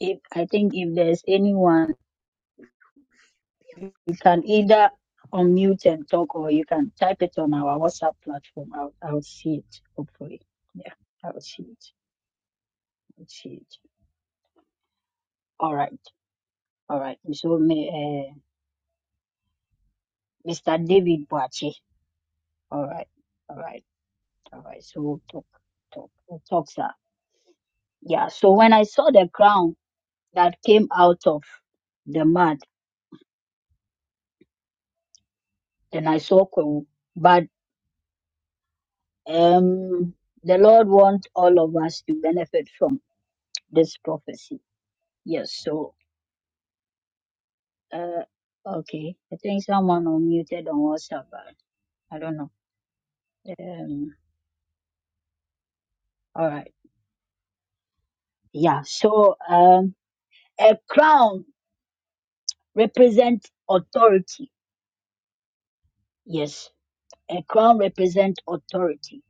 If I think if there's anyone, you you can either unmute and talk, or you can type it on our WhatsApp platform. I'll I'll see it hopefully. Yeah, I'll see it. I'll see it. All right, all right. So, may- uh, Mr. David Boache. All right, all right, all right. So we'll talk, talk, we'll talk, sir. Yeah, so when I saw the crown that came out of the mud, then I saw Kwewu. But um, the Lord wants all of us to benefit from this prophecy. Yes, so, uh, okay. I think someone unmuted on WhatsApp. but I don't know. Um, all right. Yeah, so um, a crown represents authority. Yes, a crown represents authority.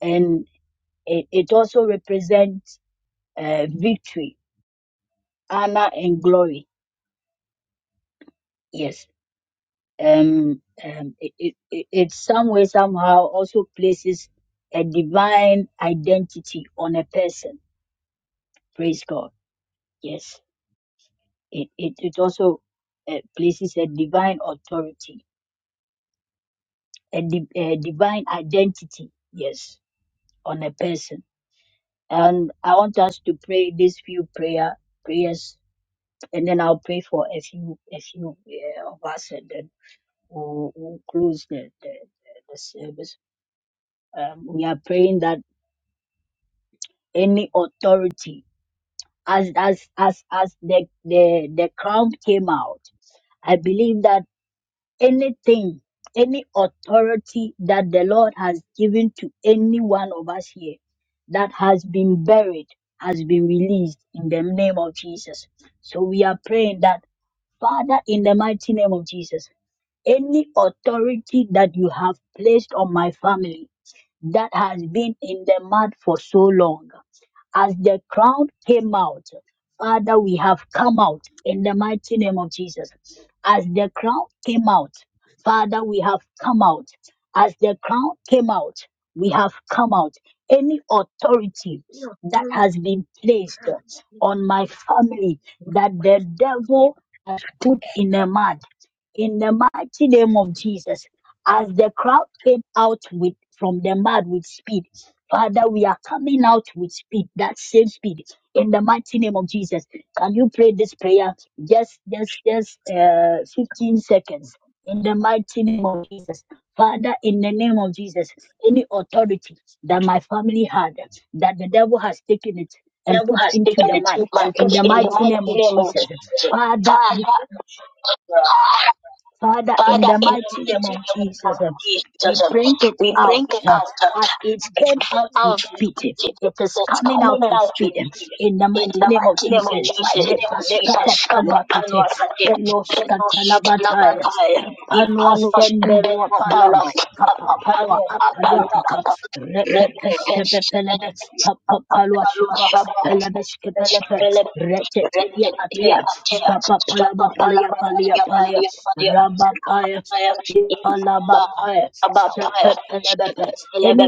And it, it also represents uh, victory, honor, and glory. Yes. Um, um, it, it, it it some way, somehow also places a divine identity on a person. Praise God. Yes. It, it, it also uh, places a divine authority, a, di- a divine identity. Yes. On a person. And I want us to pray these few prayer prayers, and then I'll pray for a few a few uh, of us, We'll, close the, the, the, the service. Um, we are praying that any authority, as as as as the the the crown came out, I believe that anything, any authority that the Lord has given to any one of us here, that has been buried, has been released in the name of Jesus. So we are praying that Father, in the mighty name of Jesus, any authority that you have placed on my family that has been in the mud for so long. As the crowd came out, Father, we have come out in the mighty name of Jesus. As the crowd came out, Father, we have come out. As the crowd came out, we have come out. Any authority
the
that has
authority
been
I
placed
have in
on my
Christ.
family that the
yeah.
devil has put in the mud, in the mighty name of Jesus. As the crowd came out with from the mud with speed, Father, we are coming out with speed, that same speed, in the mighty name of Jesus. Can you pray this prayer? Just, just, just uh, 15 seconds. In the mighty name of Jesus. Father, in the name of Jesus, any authority that my family had, that the devil has taken it and
devil
put
has
into
taken
the
the
mud,
truth and
in
put
the
in the
mighty name
mighty
of
name of
Jesus.
Jesus.
Father, we
Father,
Father, in
Father,
the
in the
mighty name
mighty
of
name of
Jesus, uh, we
Jesus,
bring it
we
out
bring it
uh,
out,
as it came out with
out
speed. It is
That's
coming
coming
out with
out with
speed.
it.
In the
In
mighty
the
name of
mighty name of
Jesus,
Jesus,
let us
the
escape upon
Pascapa Panuakate, the
our
Nostalabatai, the
ipanwa
Panuas and the
semberwa palama
Napala,
kapa
Papa
palwa
Panu,
apalwa
Apanu,
kapa repepeshke pepelebe kapa palwa shaba
Rebe,
pelebeshke pelepe retetelia atea stapa palama palaya palaya palaya ramba paya Palabapaya, Shepepelebepe. Any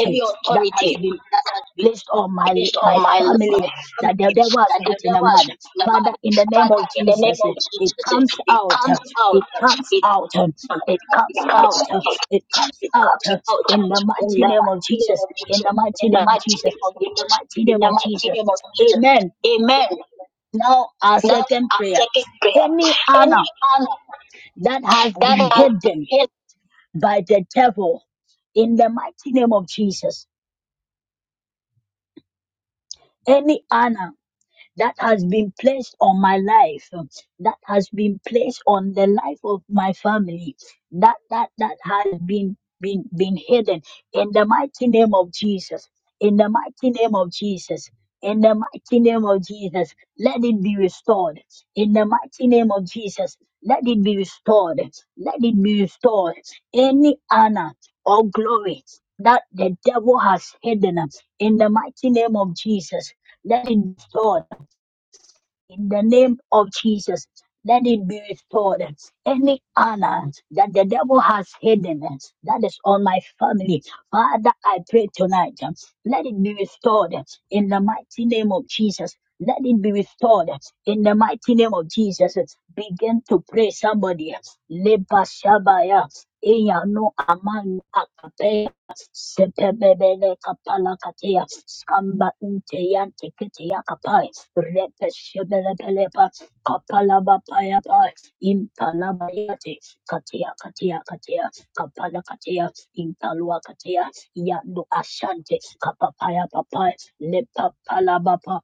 any
that
authority
has been
that has been
placed on my
placed on
my
my my
family that the
family
devil has
that the
put in a
devil has
man.
spoken
Father,
about.
in the name
Father,
of
in the name
Jesus,
of
eh, it
Jesus,
comes
it
out, eh,
comes out.
it comes
It
out, eh, it
it
comes out,
comes out.
eh, it comes
It
out
comes
eh,
out
in the
in
mighty
the
name of
mighty name
Jesus,
of
in the
Jesus. In
mighty
the
name of
mighty
Jesus,
name of
in the
Jesus
mighty
in
name
the
of
mighty
Jesus.
name of Jesus.
Amen.
Amen.
Now our
Now
second
I'm
prayer.
taking prayer.
Any
Any
honor
hand
that has
that
been
has been
hidden
raised
by the devil in the mighty name of Jesus. Any honor that has been placed on my life, um, that has been placed on the life of my family, that that that has been been been hidden in the mighty name of Jesus. In the mighty name of Jesus. In the mighty name of Jesus, let it be restored. In the mighty name of Jesus, let it be restored. Let it be restored. Any honor or glory that the devil has hidden in the mighty name of Jesus, let it be restored in the name of Jesus, let it be restored. Any honor that the devil has hidden that is on my family, Father, I pray tonight, let it be restored in the mighty name of Jesus. Let it be restored in the mighty name of Jesus. Begin to pray somebody. Leba shabaya, eyano amanu akapeya. Sepebele kapala katea. Skamba inte yante kete yakapai. Repe shebele belepa. Kapala bapaya pai. Impala bayate. Katea katea katea. Kapala katea. Impalua katea. Yando ashante. Kapapaya papai. Lepa bapa.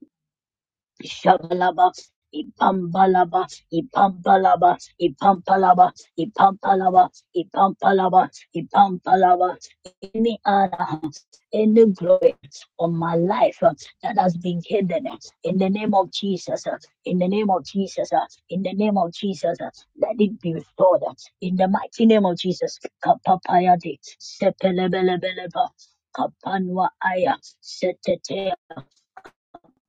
Shabalaba, Ipambalaba, Ipambalaba, Ipampalaba, Ipampalaba, Ipampalaba, Ipampalaba, any honor, any glory on my life uh, that has been hidden uh, in the name of Jesus, uh, in the name of Jesus, uh, in the name of Jesus, uh, let it be restored uh, in the mighty name of Jesus. Kapapayade, sepelebelebeleba, kapanwa aya,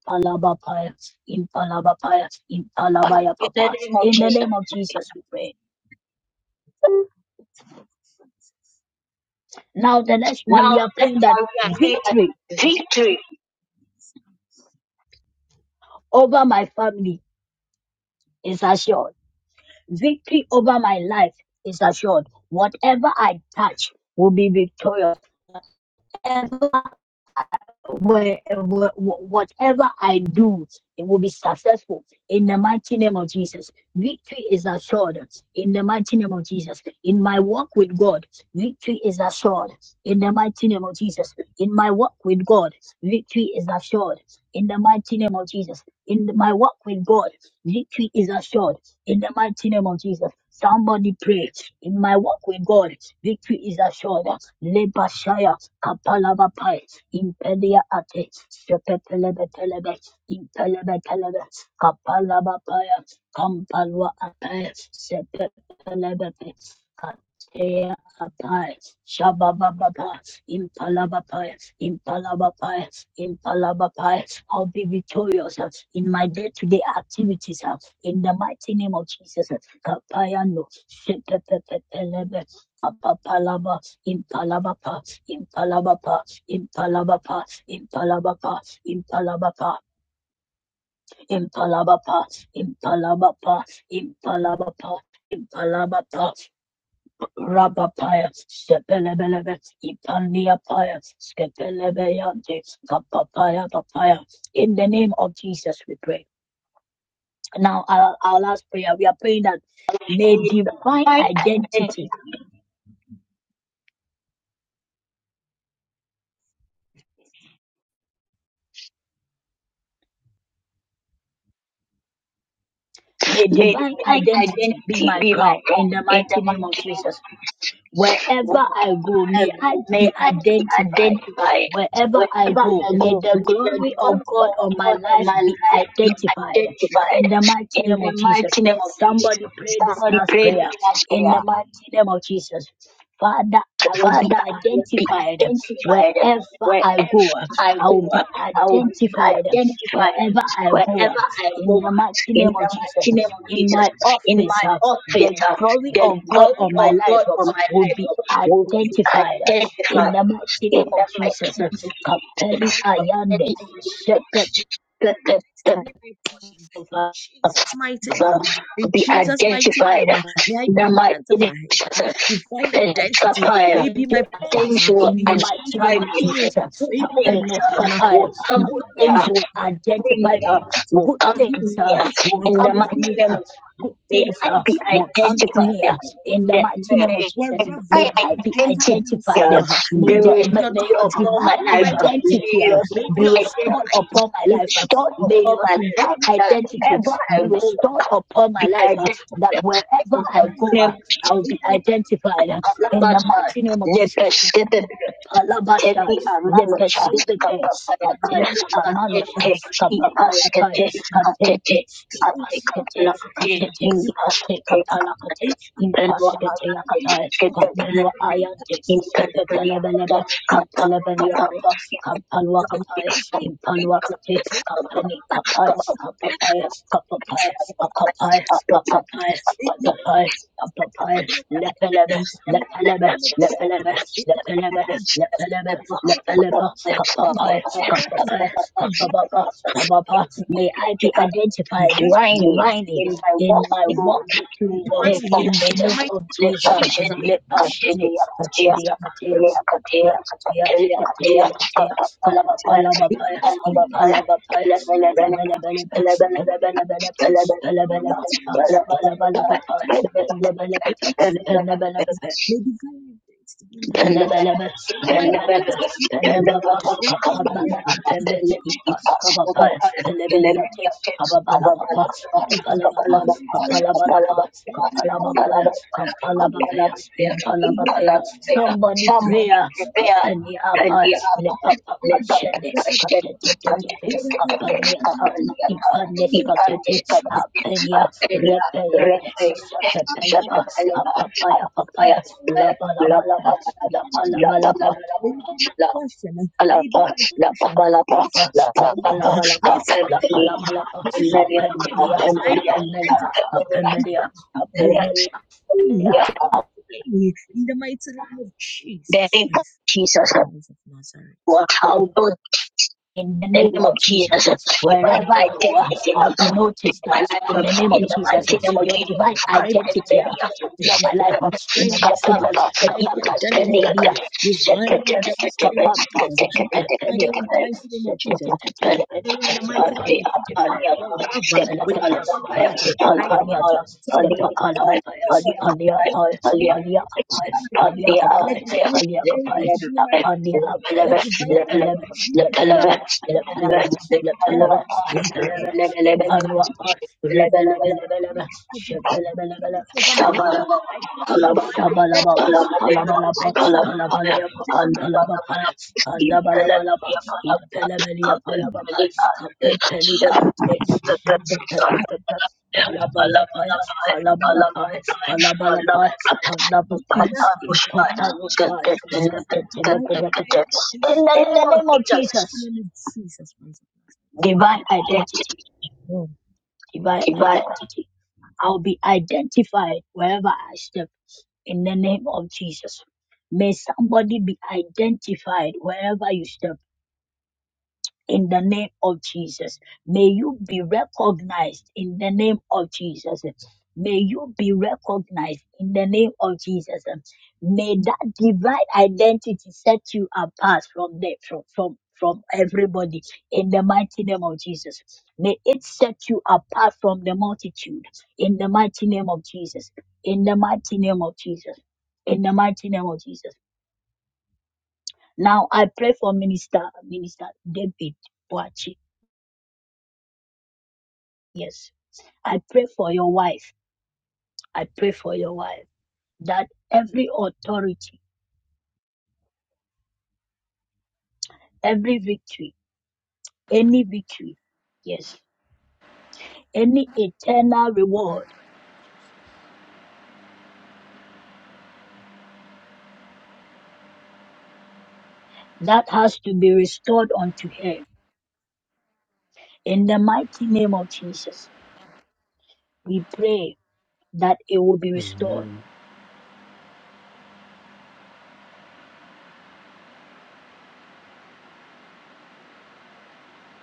Palabapaya, in Palabapaya, in Palabaya
in the
Papa.
name of
In the
Jesus.
name of Jesus, we pray. Now, the next one,
Now
we are
let
praying that
us agree that
victory
victory
over my family is assured. Victory over my life is assured. Whatever I touch will be victorious. Whatever where, where- whatever I do, it will be successful in the mighty name of Jesus. Victory is assured in the mighty name of Jesus. In my walk with God, victory is assured in the mighty name of Jesus. In my walk with God, victory is assured in the mighty name of Jesus. In my walk with God, victory is assured in the mighty mighty name of Jesus. Somebody pray. In my walk with God, victory is assured. Lebashaya, Kapalabapai, Impedia Ate, Sepetelebetelebe, Impelebetelebe, Kapalabapaya, Kampalwa Ate, Sepetelebete, Kapai, Shabababa, Impalabapai, Impalabapai, Impalabapai. I'll be victorious uh, in my day to day activities uh, in the mighty name of Jesus. uh, Kapayano, Shepepepepelebe, Kapapalaba, Impalabapa, Impalabapa, Impalabapa, Impalabapa, Impalabapa, Impalabapa, Impalabapa, Impalabapa, Impalabapa. Rabba pious, Sepelebelebes, Ipandia pious, Skepelebeyantes, Kapapaya papaya. In the name of Jesus, we pray. Now, our, our last prayer, we are praying that may
is
divine
mine and
identity, may
May
divine
my
identity be
identity
my
be my
crown
God
in the
in the
mighty name of
mighty name
Jesus.
of Jesus. Wherever
Wherever I go,
I
may I
go, may
be
I be
identified.
identified.
Wherever I
Wherever
go,
I
may
go,
the
may
glory
the God
of
of
God on my
God of
life
my
be
life be
identified. In
identified
the mighty
in
name
the
of Jesus.
mighty name of Jesus.
Somebody pray this
Somebody
last
pray
prayer.
the last
In
prayer.
the mighty name of Jesus. Father, I will be
Father, I will be
identified
identified
wherever I
wherever
go.
I
I will
go.
be
I will be
identified
identified
wherever I
wherever
go.
I
In
go.
the mighty
In
name of
the
Jesus,
mighty name of
in
Jesus,
my
in
office,
my
uh, the
office, uh,
glory
the
of God
glory
on my
of
life
God
uh,
on my
will
life
be
uh, will be
identified. In
identified.
the mighty
In
name of
the mighty
Jesus, uh,
name of
Kapeli
Jesus.
Ayande, Shepherd.
That is my portion. In
of
Jesus' mighty name. In be Jesus' identified. name, may I be identified divine identity. May be my
Yes,
things portion. will In
In the
Jesus'
mighty
identify
name
me.
of Jesus,
Things uh, will
Apenos
come In to me.
good
uh,
things will
Things
identify
uh,
me.
will
Good
come to
things
me
uh,
uh,
will
in the
come
mighty
to me.
name
uh,
of
Good
they
things
ide-
uh, will come to
identify
me
them.
uh, in
that
the
they
mighty name of Jesus. May
I
I be
identity
identified. uh,
uh,
May,
the
the, may,
result
may your
of all
divine
my life. uh,
identity uh,
your
be restored
identity.
upon my
You
life. uh,
start
May
all
your
my life.
divine
that
identity
Wherever
be
I go,
restored
back,
upon my
the
life. uh, That
identity.
wherever
In the
I go,
name
uh,
of
I will be
Jesus.
identified in the
Alabasta,
mighty name of Jesus.
lepesete,
Palabasha,
Teddy Amanacha,
lepesibete,
Kapapayana,
katemi
Atete,
amanosha, kapapayapaya,
Ipaskete, Atete,
katente, impaskete,
Atekaplake,
katete, kate
Ipaskete,
kapalakate, impaskete
Penwanade,
yakataya,
Ketebele,
kapelwa ayante,
Intendriata,
sipepelebelebe,
Kata, Kapai,
impelebeliakapa, kampalwa
and
kapaya,
it's not the
impalwa
context
Kapani
of
apias, kapapias, kapapias, apapias,
the
apapias,
Scottish.
apapias, apapias, lepelebes, lepelebes, lepelebes, lepelebes, lepelebes, lepelebes, kapapias,
Grinding
kapapias, kapapapas, papapas. May I be identified divinely
in my
in
walk,
my walk with you, Lord,
live for
in the
Jesus,
name of
live
Jesus.
for Jesus,
Let us shine.
continue Jesus,
Katelia, katelia,
live continue,
katelia, katelia, katelia,
continue
katelia, kapalabapaya, impalabapaya, belebelebelebe, belebelebelebe, belebelebelebe, belebalabapaya, belebelebebe,
continue,
belebelebebe,
continue Somebody
Penebelebe, Penebelebe, Penebaba, Kapaba, Apembe, Ipas, Kabapa, Penebeliate, Kababalapapa, Kapabalapapa, Kapalabalapa, Kapalabapaya, Kampalabapaya, Impalabapaya. Somebody prayer,
prepare
Kapani
Thank
Apa, Lepapa Shende, Kapete, Kapani Ata, Ipaniscotiti, Apenia, Repayandes, Sapepeleba, Apapaya, Papaya, Lapalabalaba, Lapalabalapa. Lapalabalapa, Lapalabalapa, Apembelia, Apembelia, Apembelia, Apembelia,
you
Apembelia,
faith in the mighty name of The Jesus name of Christ, Jesus Jesus of Nazareth. was above
In the
the
name
name of
of Jesus,
Jesus. My
wherever I go,
identity
I'll be
in
noticed.
my life
In
uh,
the name
in
of
the
Jesus,
mighty name of
your
Jesus.
divine
I I
identity will be on my life. In the mighty
myself
name of
align
Jesus,
my identity divine
Scapanta, Impepelia,
identity with Jesus. Christ. I declare in the mighty name of Jesus. I declare in the mighty name of Jesus. Whatever, whenever
Pelecatus,
I
Pante
go out,
Apaniatas, Scatapalabapayas, Paliapayas, Paliacapayas, Paliacapayas, Paliacapayas, Apania Apayas, Lepelemets, Lepelemets, Lepelemets, Lepelemets, Lepelemets, Lepanuapas, Repelebelebelebes,
In the
Shabalababas, Palabalabas, Palabaleabas, Palabapayas, Andabalabalabas, Impelemelia Palababas, Capepeli Ates, Shepepepepepes, Palabalapayas, Palabalapayas, Palabalapayas, Palabapayas, Impapaloshai, Skatatelepodekatekates. In
name
the
of
name of
Jesus,
Jesus,
divine
divine identity,
identity,
divine
divine
identity. I'll be identified wherever I step in the name of Jesus. May somebody be identified wherever you step in the name of Jesus. May you be recognized in the name of Jesus. May you be recognized in the name of Jesus. May that divine identity set you apart from the from from from everybody in the mighty name of Jesus. May it set you apart from the multitude in the mighty name of Jesus. In the mighty name of Jesus. In the mighty name of Jesus. Now I pray for Minister Minister David Boachi. Yes. I pray for your wife. I pray for your wife that every authority, every victory, any victory, yes, any eternal reward that has to be restored unto her. In the mighty name of Jesus, we pray that it will be restored.
Amen.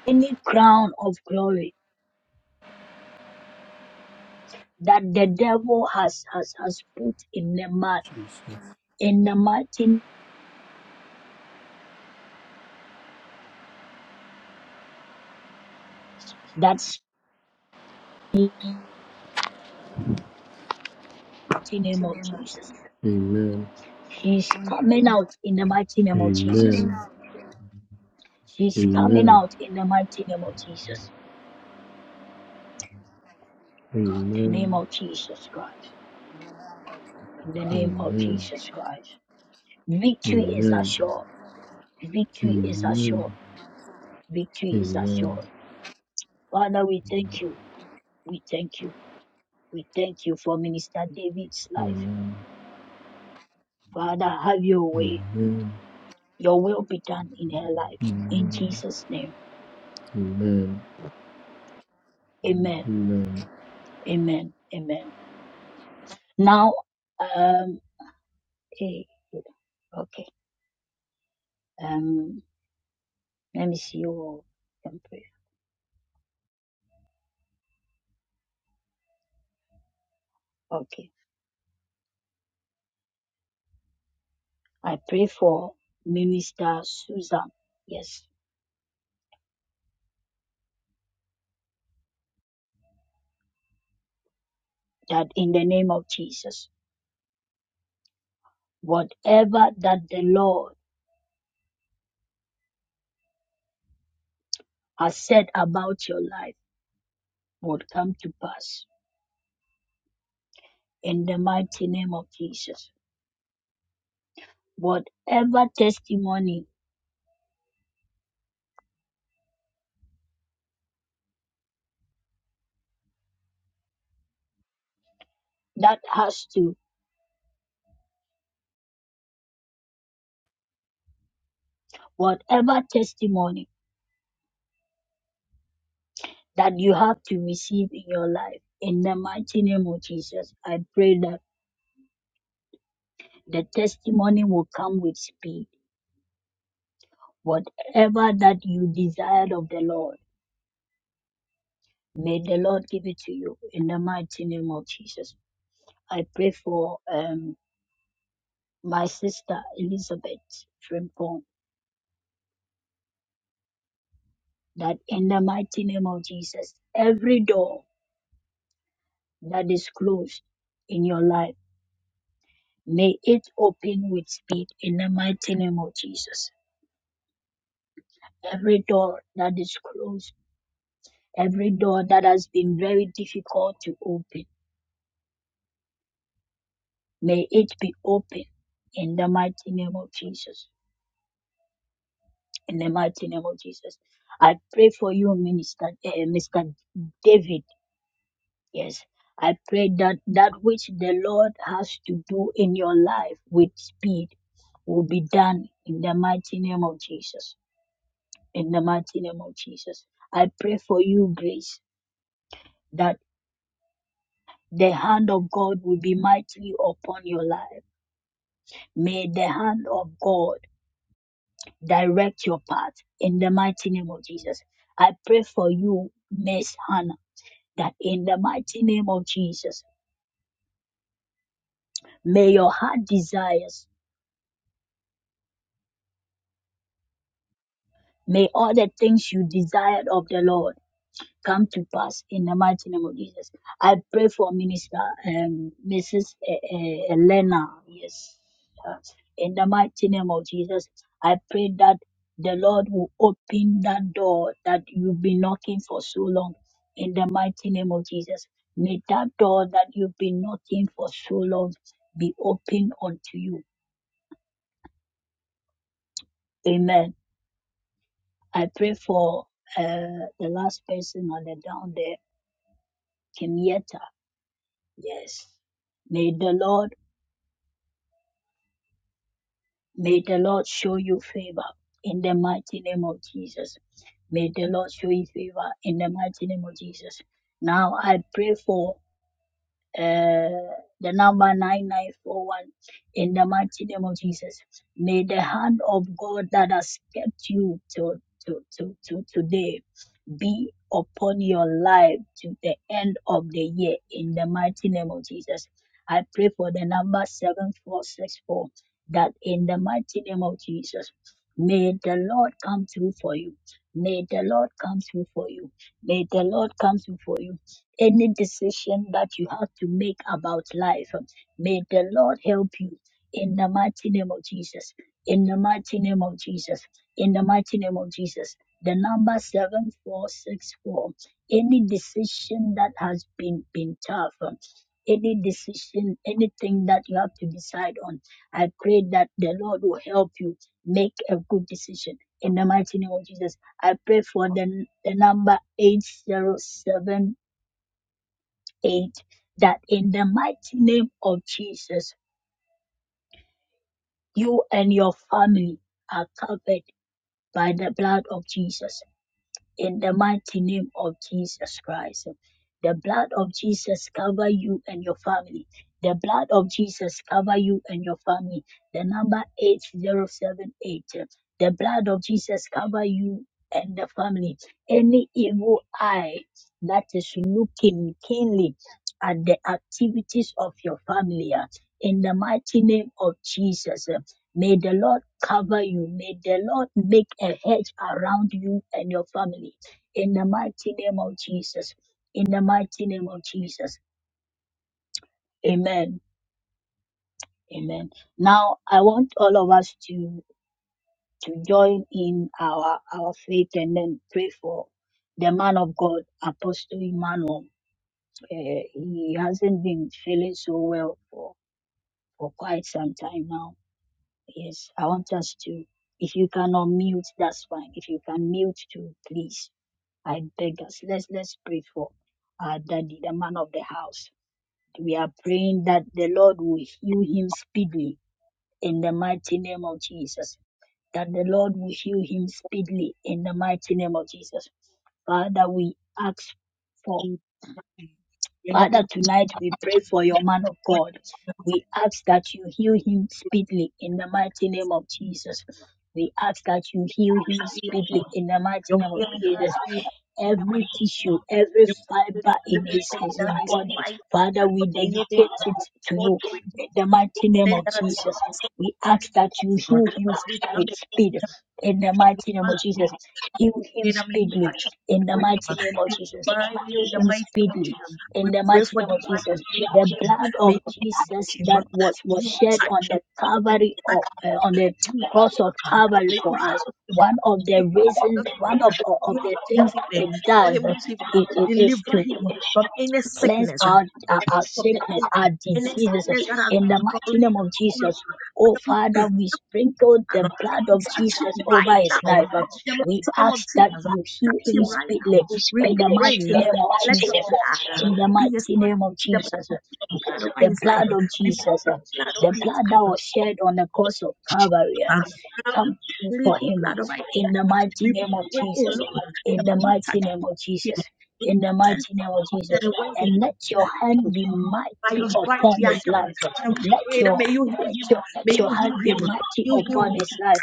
Any crown of glory that the devil has, has, has put in the man,
Jesus.
in the mighty, that's mighty name of Jesus.
Amen.
he's coming out in the mighty name of
Amen.
Jesus
Amen.
She's coming
Amen.
out in the mighty name of Jesus. The name
Amen.
of Jesus Christ. In the name of
Amen.
Jesus Christ.
Amen.
Victory is
Amen.
assured. Victory is
Amen.
assured. Victory is
Amen.
assured. Father, we thank you. We thank you. We thank you for Minister David's life. Father, have your way.
Amen.
Your will be done in her life. In
Amen.
Jesus' name.
Amen.
Amen.
Amen.
Amen. Amen. Now, um, eh, okay. Um, let me see you all. Okay. I pray for Minister Susan. Yes. That in the name of Jesus, whatever that the Lord has said about your life would come to pass in the mighty name of Jesus. Whatever testimony that has to, whatever testimony that you have to receive in your life, in the mighty name of Jesus, I pray that the testimony will come with speed. Whatever that you desired of the Lord May the Lord give it to you in the mighty name of Jesus. I pray for um, my sister Elizabeth Frimpong that in the mighty name of Jesus, every door that is closed in your life, may it open with speed in the mighty name of Jesus. Every door that is closed, every door that has been very difficult to open, may it be open in the mighty name of Jesus. in the mighty name of Jesus. I pray for you, Minister uh, Mr. David. Yes, I pray that that which the Lord has to do in your life with speed will be done in the mighty name of Jesus. In the mighty name of Jesus, I pray for you, Grace, that the hand of God will be mightily upon your life. May the hand of God direct your path in the mighty name of Jesus. I pray for you, Miss Hannah. that in the mighty name of Jesus, may your heart desires, may all the things you desired of the Lord come to pass in the mighty name of Jesus. I pray for Minister um, Mrs. E- E- Elena, yes, uh, in the mighty name of Jesus. I pray that the Lord will open that door that you've been knocking for so long in the mighty name of Jesus. May that door that you've been knocking for so long be open unto you Amen. I pray for uh, the last person on the down there, Kimieta. Yes. May the Lord, may the Lord show you favor in the mighty name of Jesus. May the Lord show you favor in the mighty name of Jesus. Now I pray for uh, the number 9941 in the mighty name of Jesus. May the hand of God that has kept you to, to, to, to today be upon your life to the end of the year in the mighty name of Jesus. I pray for the number 7464 that in the mighty name of Jesus, may the Lord come through for you. May the Lord come through for you. May the Lord come through for you any decision that you have to make about life. May the Lord help you in the mighty name of Jesus. In the mighty name of Jesus. In the mighty name of Jesus. The number 7464. Any decision that has been, been tough, um, any decision, anything that you have to decide on, I pray that the Lord will help you make a good decision. In the mighty name of Jesus, I pray for the, the number 807 8 that in the mighty name of Jesus, you and your family are covered by the blood of Jesus in the mighty name of Jesus Christ. The blood of Jesus cover you and your family. The blood of Jesus cover you and your family. The number 8078. The blood of Jesus cover you and the family. Any evil eye that is looking keenly at the activities of your family. uh, In the mighty name of Jesus. uh, May the Lord cover you. May the Lord make a hedge around you and your family. In the mighty name of Jesus. In the mighty name of Jesus. Amen. Amen. Now I want all of us to to join in our our faith and then pray for the man of God, Apostle Emmanuel. Uh, he hasn't been feeling so well for, for quite some time now Yes, I want us to. If you cannot mute, that's fine. If you can mute too, please. I beg us. Let's let's pray for our daddy, the man of the house. We are praying that the Lord will heal him speedily in the mighty name of Jesus. That the Lord will heal him speedily in the mighty name of Jesus. Father, we ask. for. Father, tonight we pray for your man of God. We ask that you heal him speedily in the mighty name of Jesus. We ask that you heal him speedily in the mighty
Your
name of
healing
Jesus
hands be in the
every
mighty
tissue, every
name of
fiber
Jesus.
in his, in
Anything
his
that is
body.
fighting,
Father, we
anything
dedicate
that
it
is
to you.
bothering
In the
you,
mighty name of
anything that is
Jesus, we ask that you
causing you,
heal him
every time
with
you
speed. In the mighty name of
touch,
Jesus, heal him
in the name of
speedily.
Jesus.
In the mighty name of Jesus,
Divine
heal
in the
him
mighty name of
speedily.
Jesus.
In
We
the
pray
mighty
for
name of
divine
Jesus,
healing
the
for him.
blood
May
of
you
Jesus
touch him.
that was was
You
shed
touch
on
him.
the
You
Calvary of,
touch
uh, on the
him. You touch him. May
cross of Calvary
you heal
for us one of
him.
the reasons, one of, of
You
of the
heal him
things
that evening.
it
Heal
does
him that
is,
evening.
is
Deliver
to
him from any
cleanse
sickness, uh,
our, our, our
from the
sickness,
enemy,
our
any
diseases
sickness that has
in the
been
mighty
troubling
name of Jesus. Oh
him.
Father, we sprinkle the
Lord.
blood of
Touch
Jesus
him
over
right
his
now. Lord.
life. Um,
In
We
the name of
ask that
Jesus, uh,
you heal
touch
him
him right now.
speedily
We
in the
pray.
mighty
uh,
name of
Let your
Jesus.
blood uh,
In the
be his
mighty name of
the
Jesus.
the
Let
blood over
the
his life.
blood of
We
Jesus,
pray the
uh,
blood over
the
his
blood that
life.
was shed on the cross of Calvary, uh,
Uh, we
come through
plead
for
the
him uh,
blood over his
in the
life.
mighty
We
name of
pray, oh
Jesus.
Lord,
In
that
the
you
mighty
touch
name of
him.
Jesus. In the
send
mighty name of Jesus
that when
and let your
to you,
hand be
by
mighty
your stripes
upon
we are
his
healed.
life.
And we
Let
pray that
your
may you heal
let
him.
your let
May
your
you
hand
heal
be
him.
mighty
You heal
upon
him.
his life.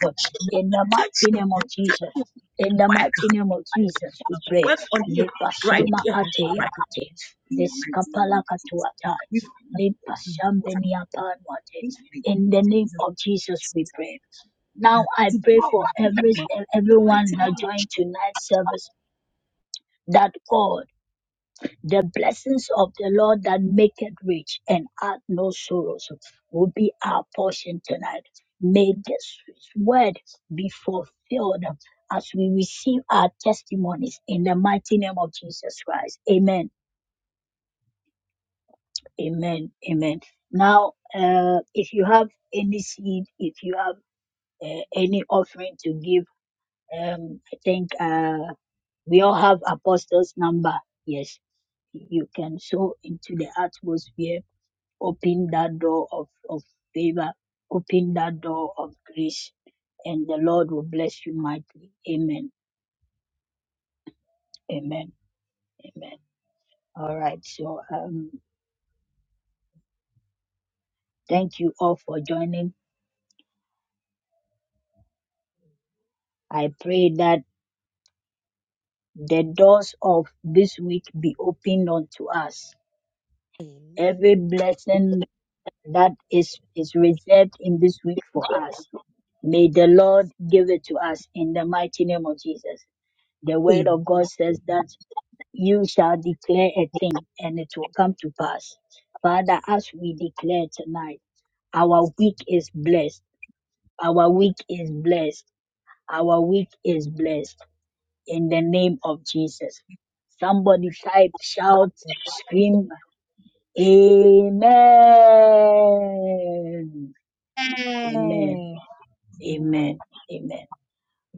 In the
Touch
mighty
him.
name of
Touch
Jesus. In the
I
mighty name of Jesus, we
can
pray.
work on him right
Lepashama
here,
ate
right
yakate.
in the mighty name of
Deskapala
Jesus.
katuata.
We
Lepashambeniapanwate. In the name of Jesus, we pray. Now I
to
pray
grow
for every
in the
everyone
mighty
that joined tonight's service that God the blessings of the Lord that make it rich and add no sorrows will be our portion tonight. May this word be fulfilled as we receive our testimonies in the mighty name of Jesus Christ. Amen. Amen. Amen. Now, uh, if you have any seed, if you have uh, any offering to give, um, I think uh, we all have apostles' number. Yes, you can sow into the atmosphere Open that door of, of favor. Open that door of grace. And the Lord will bless you mightily. Amen. Amen. Amen. All right. So um, thank you all for joining. I pray that the doors of this week be opened unto us. Every blessing that is, is reserved in this week for us. May the Lord give it to us in the mighty name of Jesus. The word
name
of God says that you shall declare a thing and it will come to pass. Father, as we declare tonight, our week is blessed. Our week is blessed. Our week is blessed in the name of Jesus. Somebody type, shout, scream, Amen. Amen.
of Jesus. Amen.
Amen. Amen.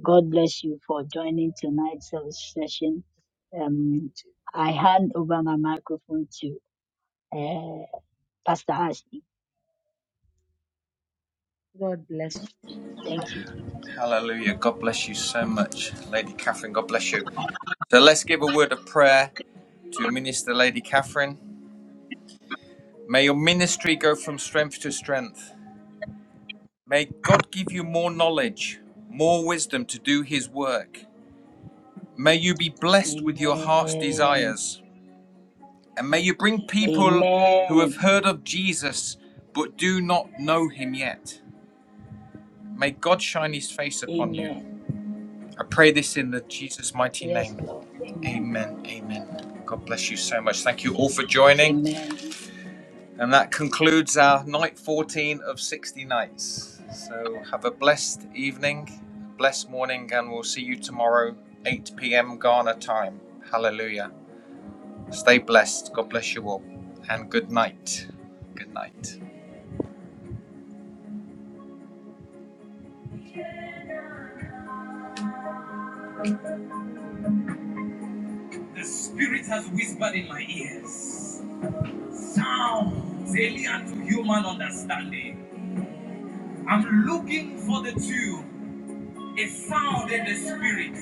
God bless you for joining tonight's service session. Um, I hand over my microphone to uh, Pastor Ashley. Thank you, Jesus.
Hallelujah. God bless you so much, Lady Catherine. God bless you. So let's give a word of prayer to Minister Lady Catherine. May your ministry go from strength to strength. May God give you more knowledge, more wisdom to do His work. May you be blessed with your heart's
Amen.
desires. And may you bring people who have
Amen.
heard of Jesus but do not know him yet. May God shine his face upon you.
Amen.
I pray this in the Jesus mighty
Yes,
name.
Lord. Amen.
Amen. Amen. God bless you so much. Thank you all for joining.
Amen.
And that concludes our night 14 of 60 nights. So have a blessed evening, blessed morning, and we'll see you tomorrow, 8 p.m. Ghana time. Hallelujah. Stay blessed. God bless you all. And good night. Good night. sound alien to human understanding. I'm looking for the two, a sound in the spirit.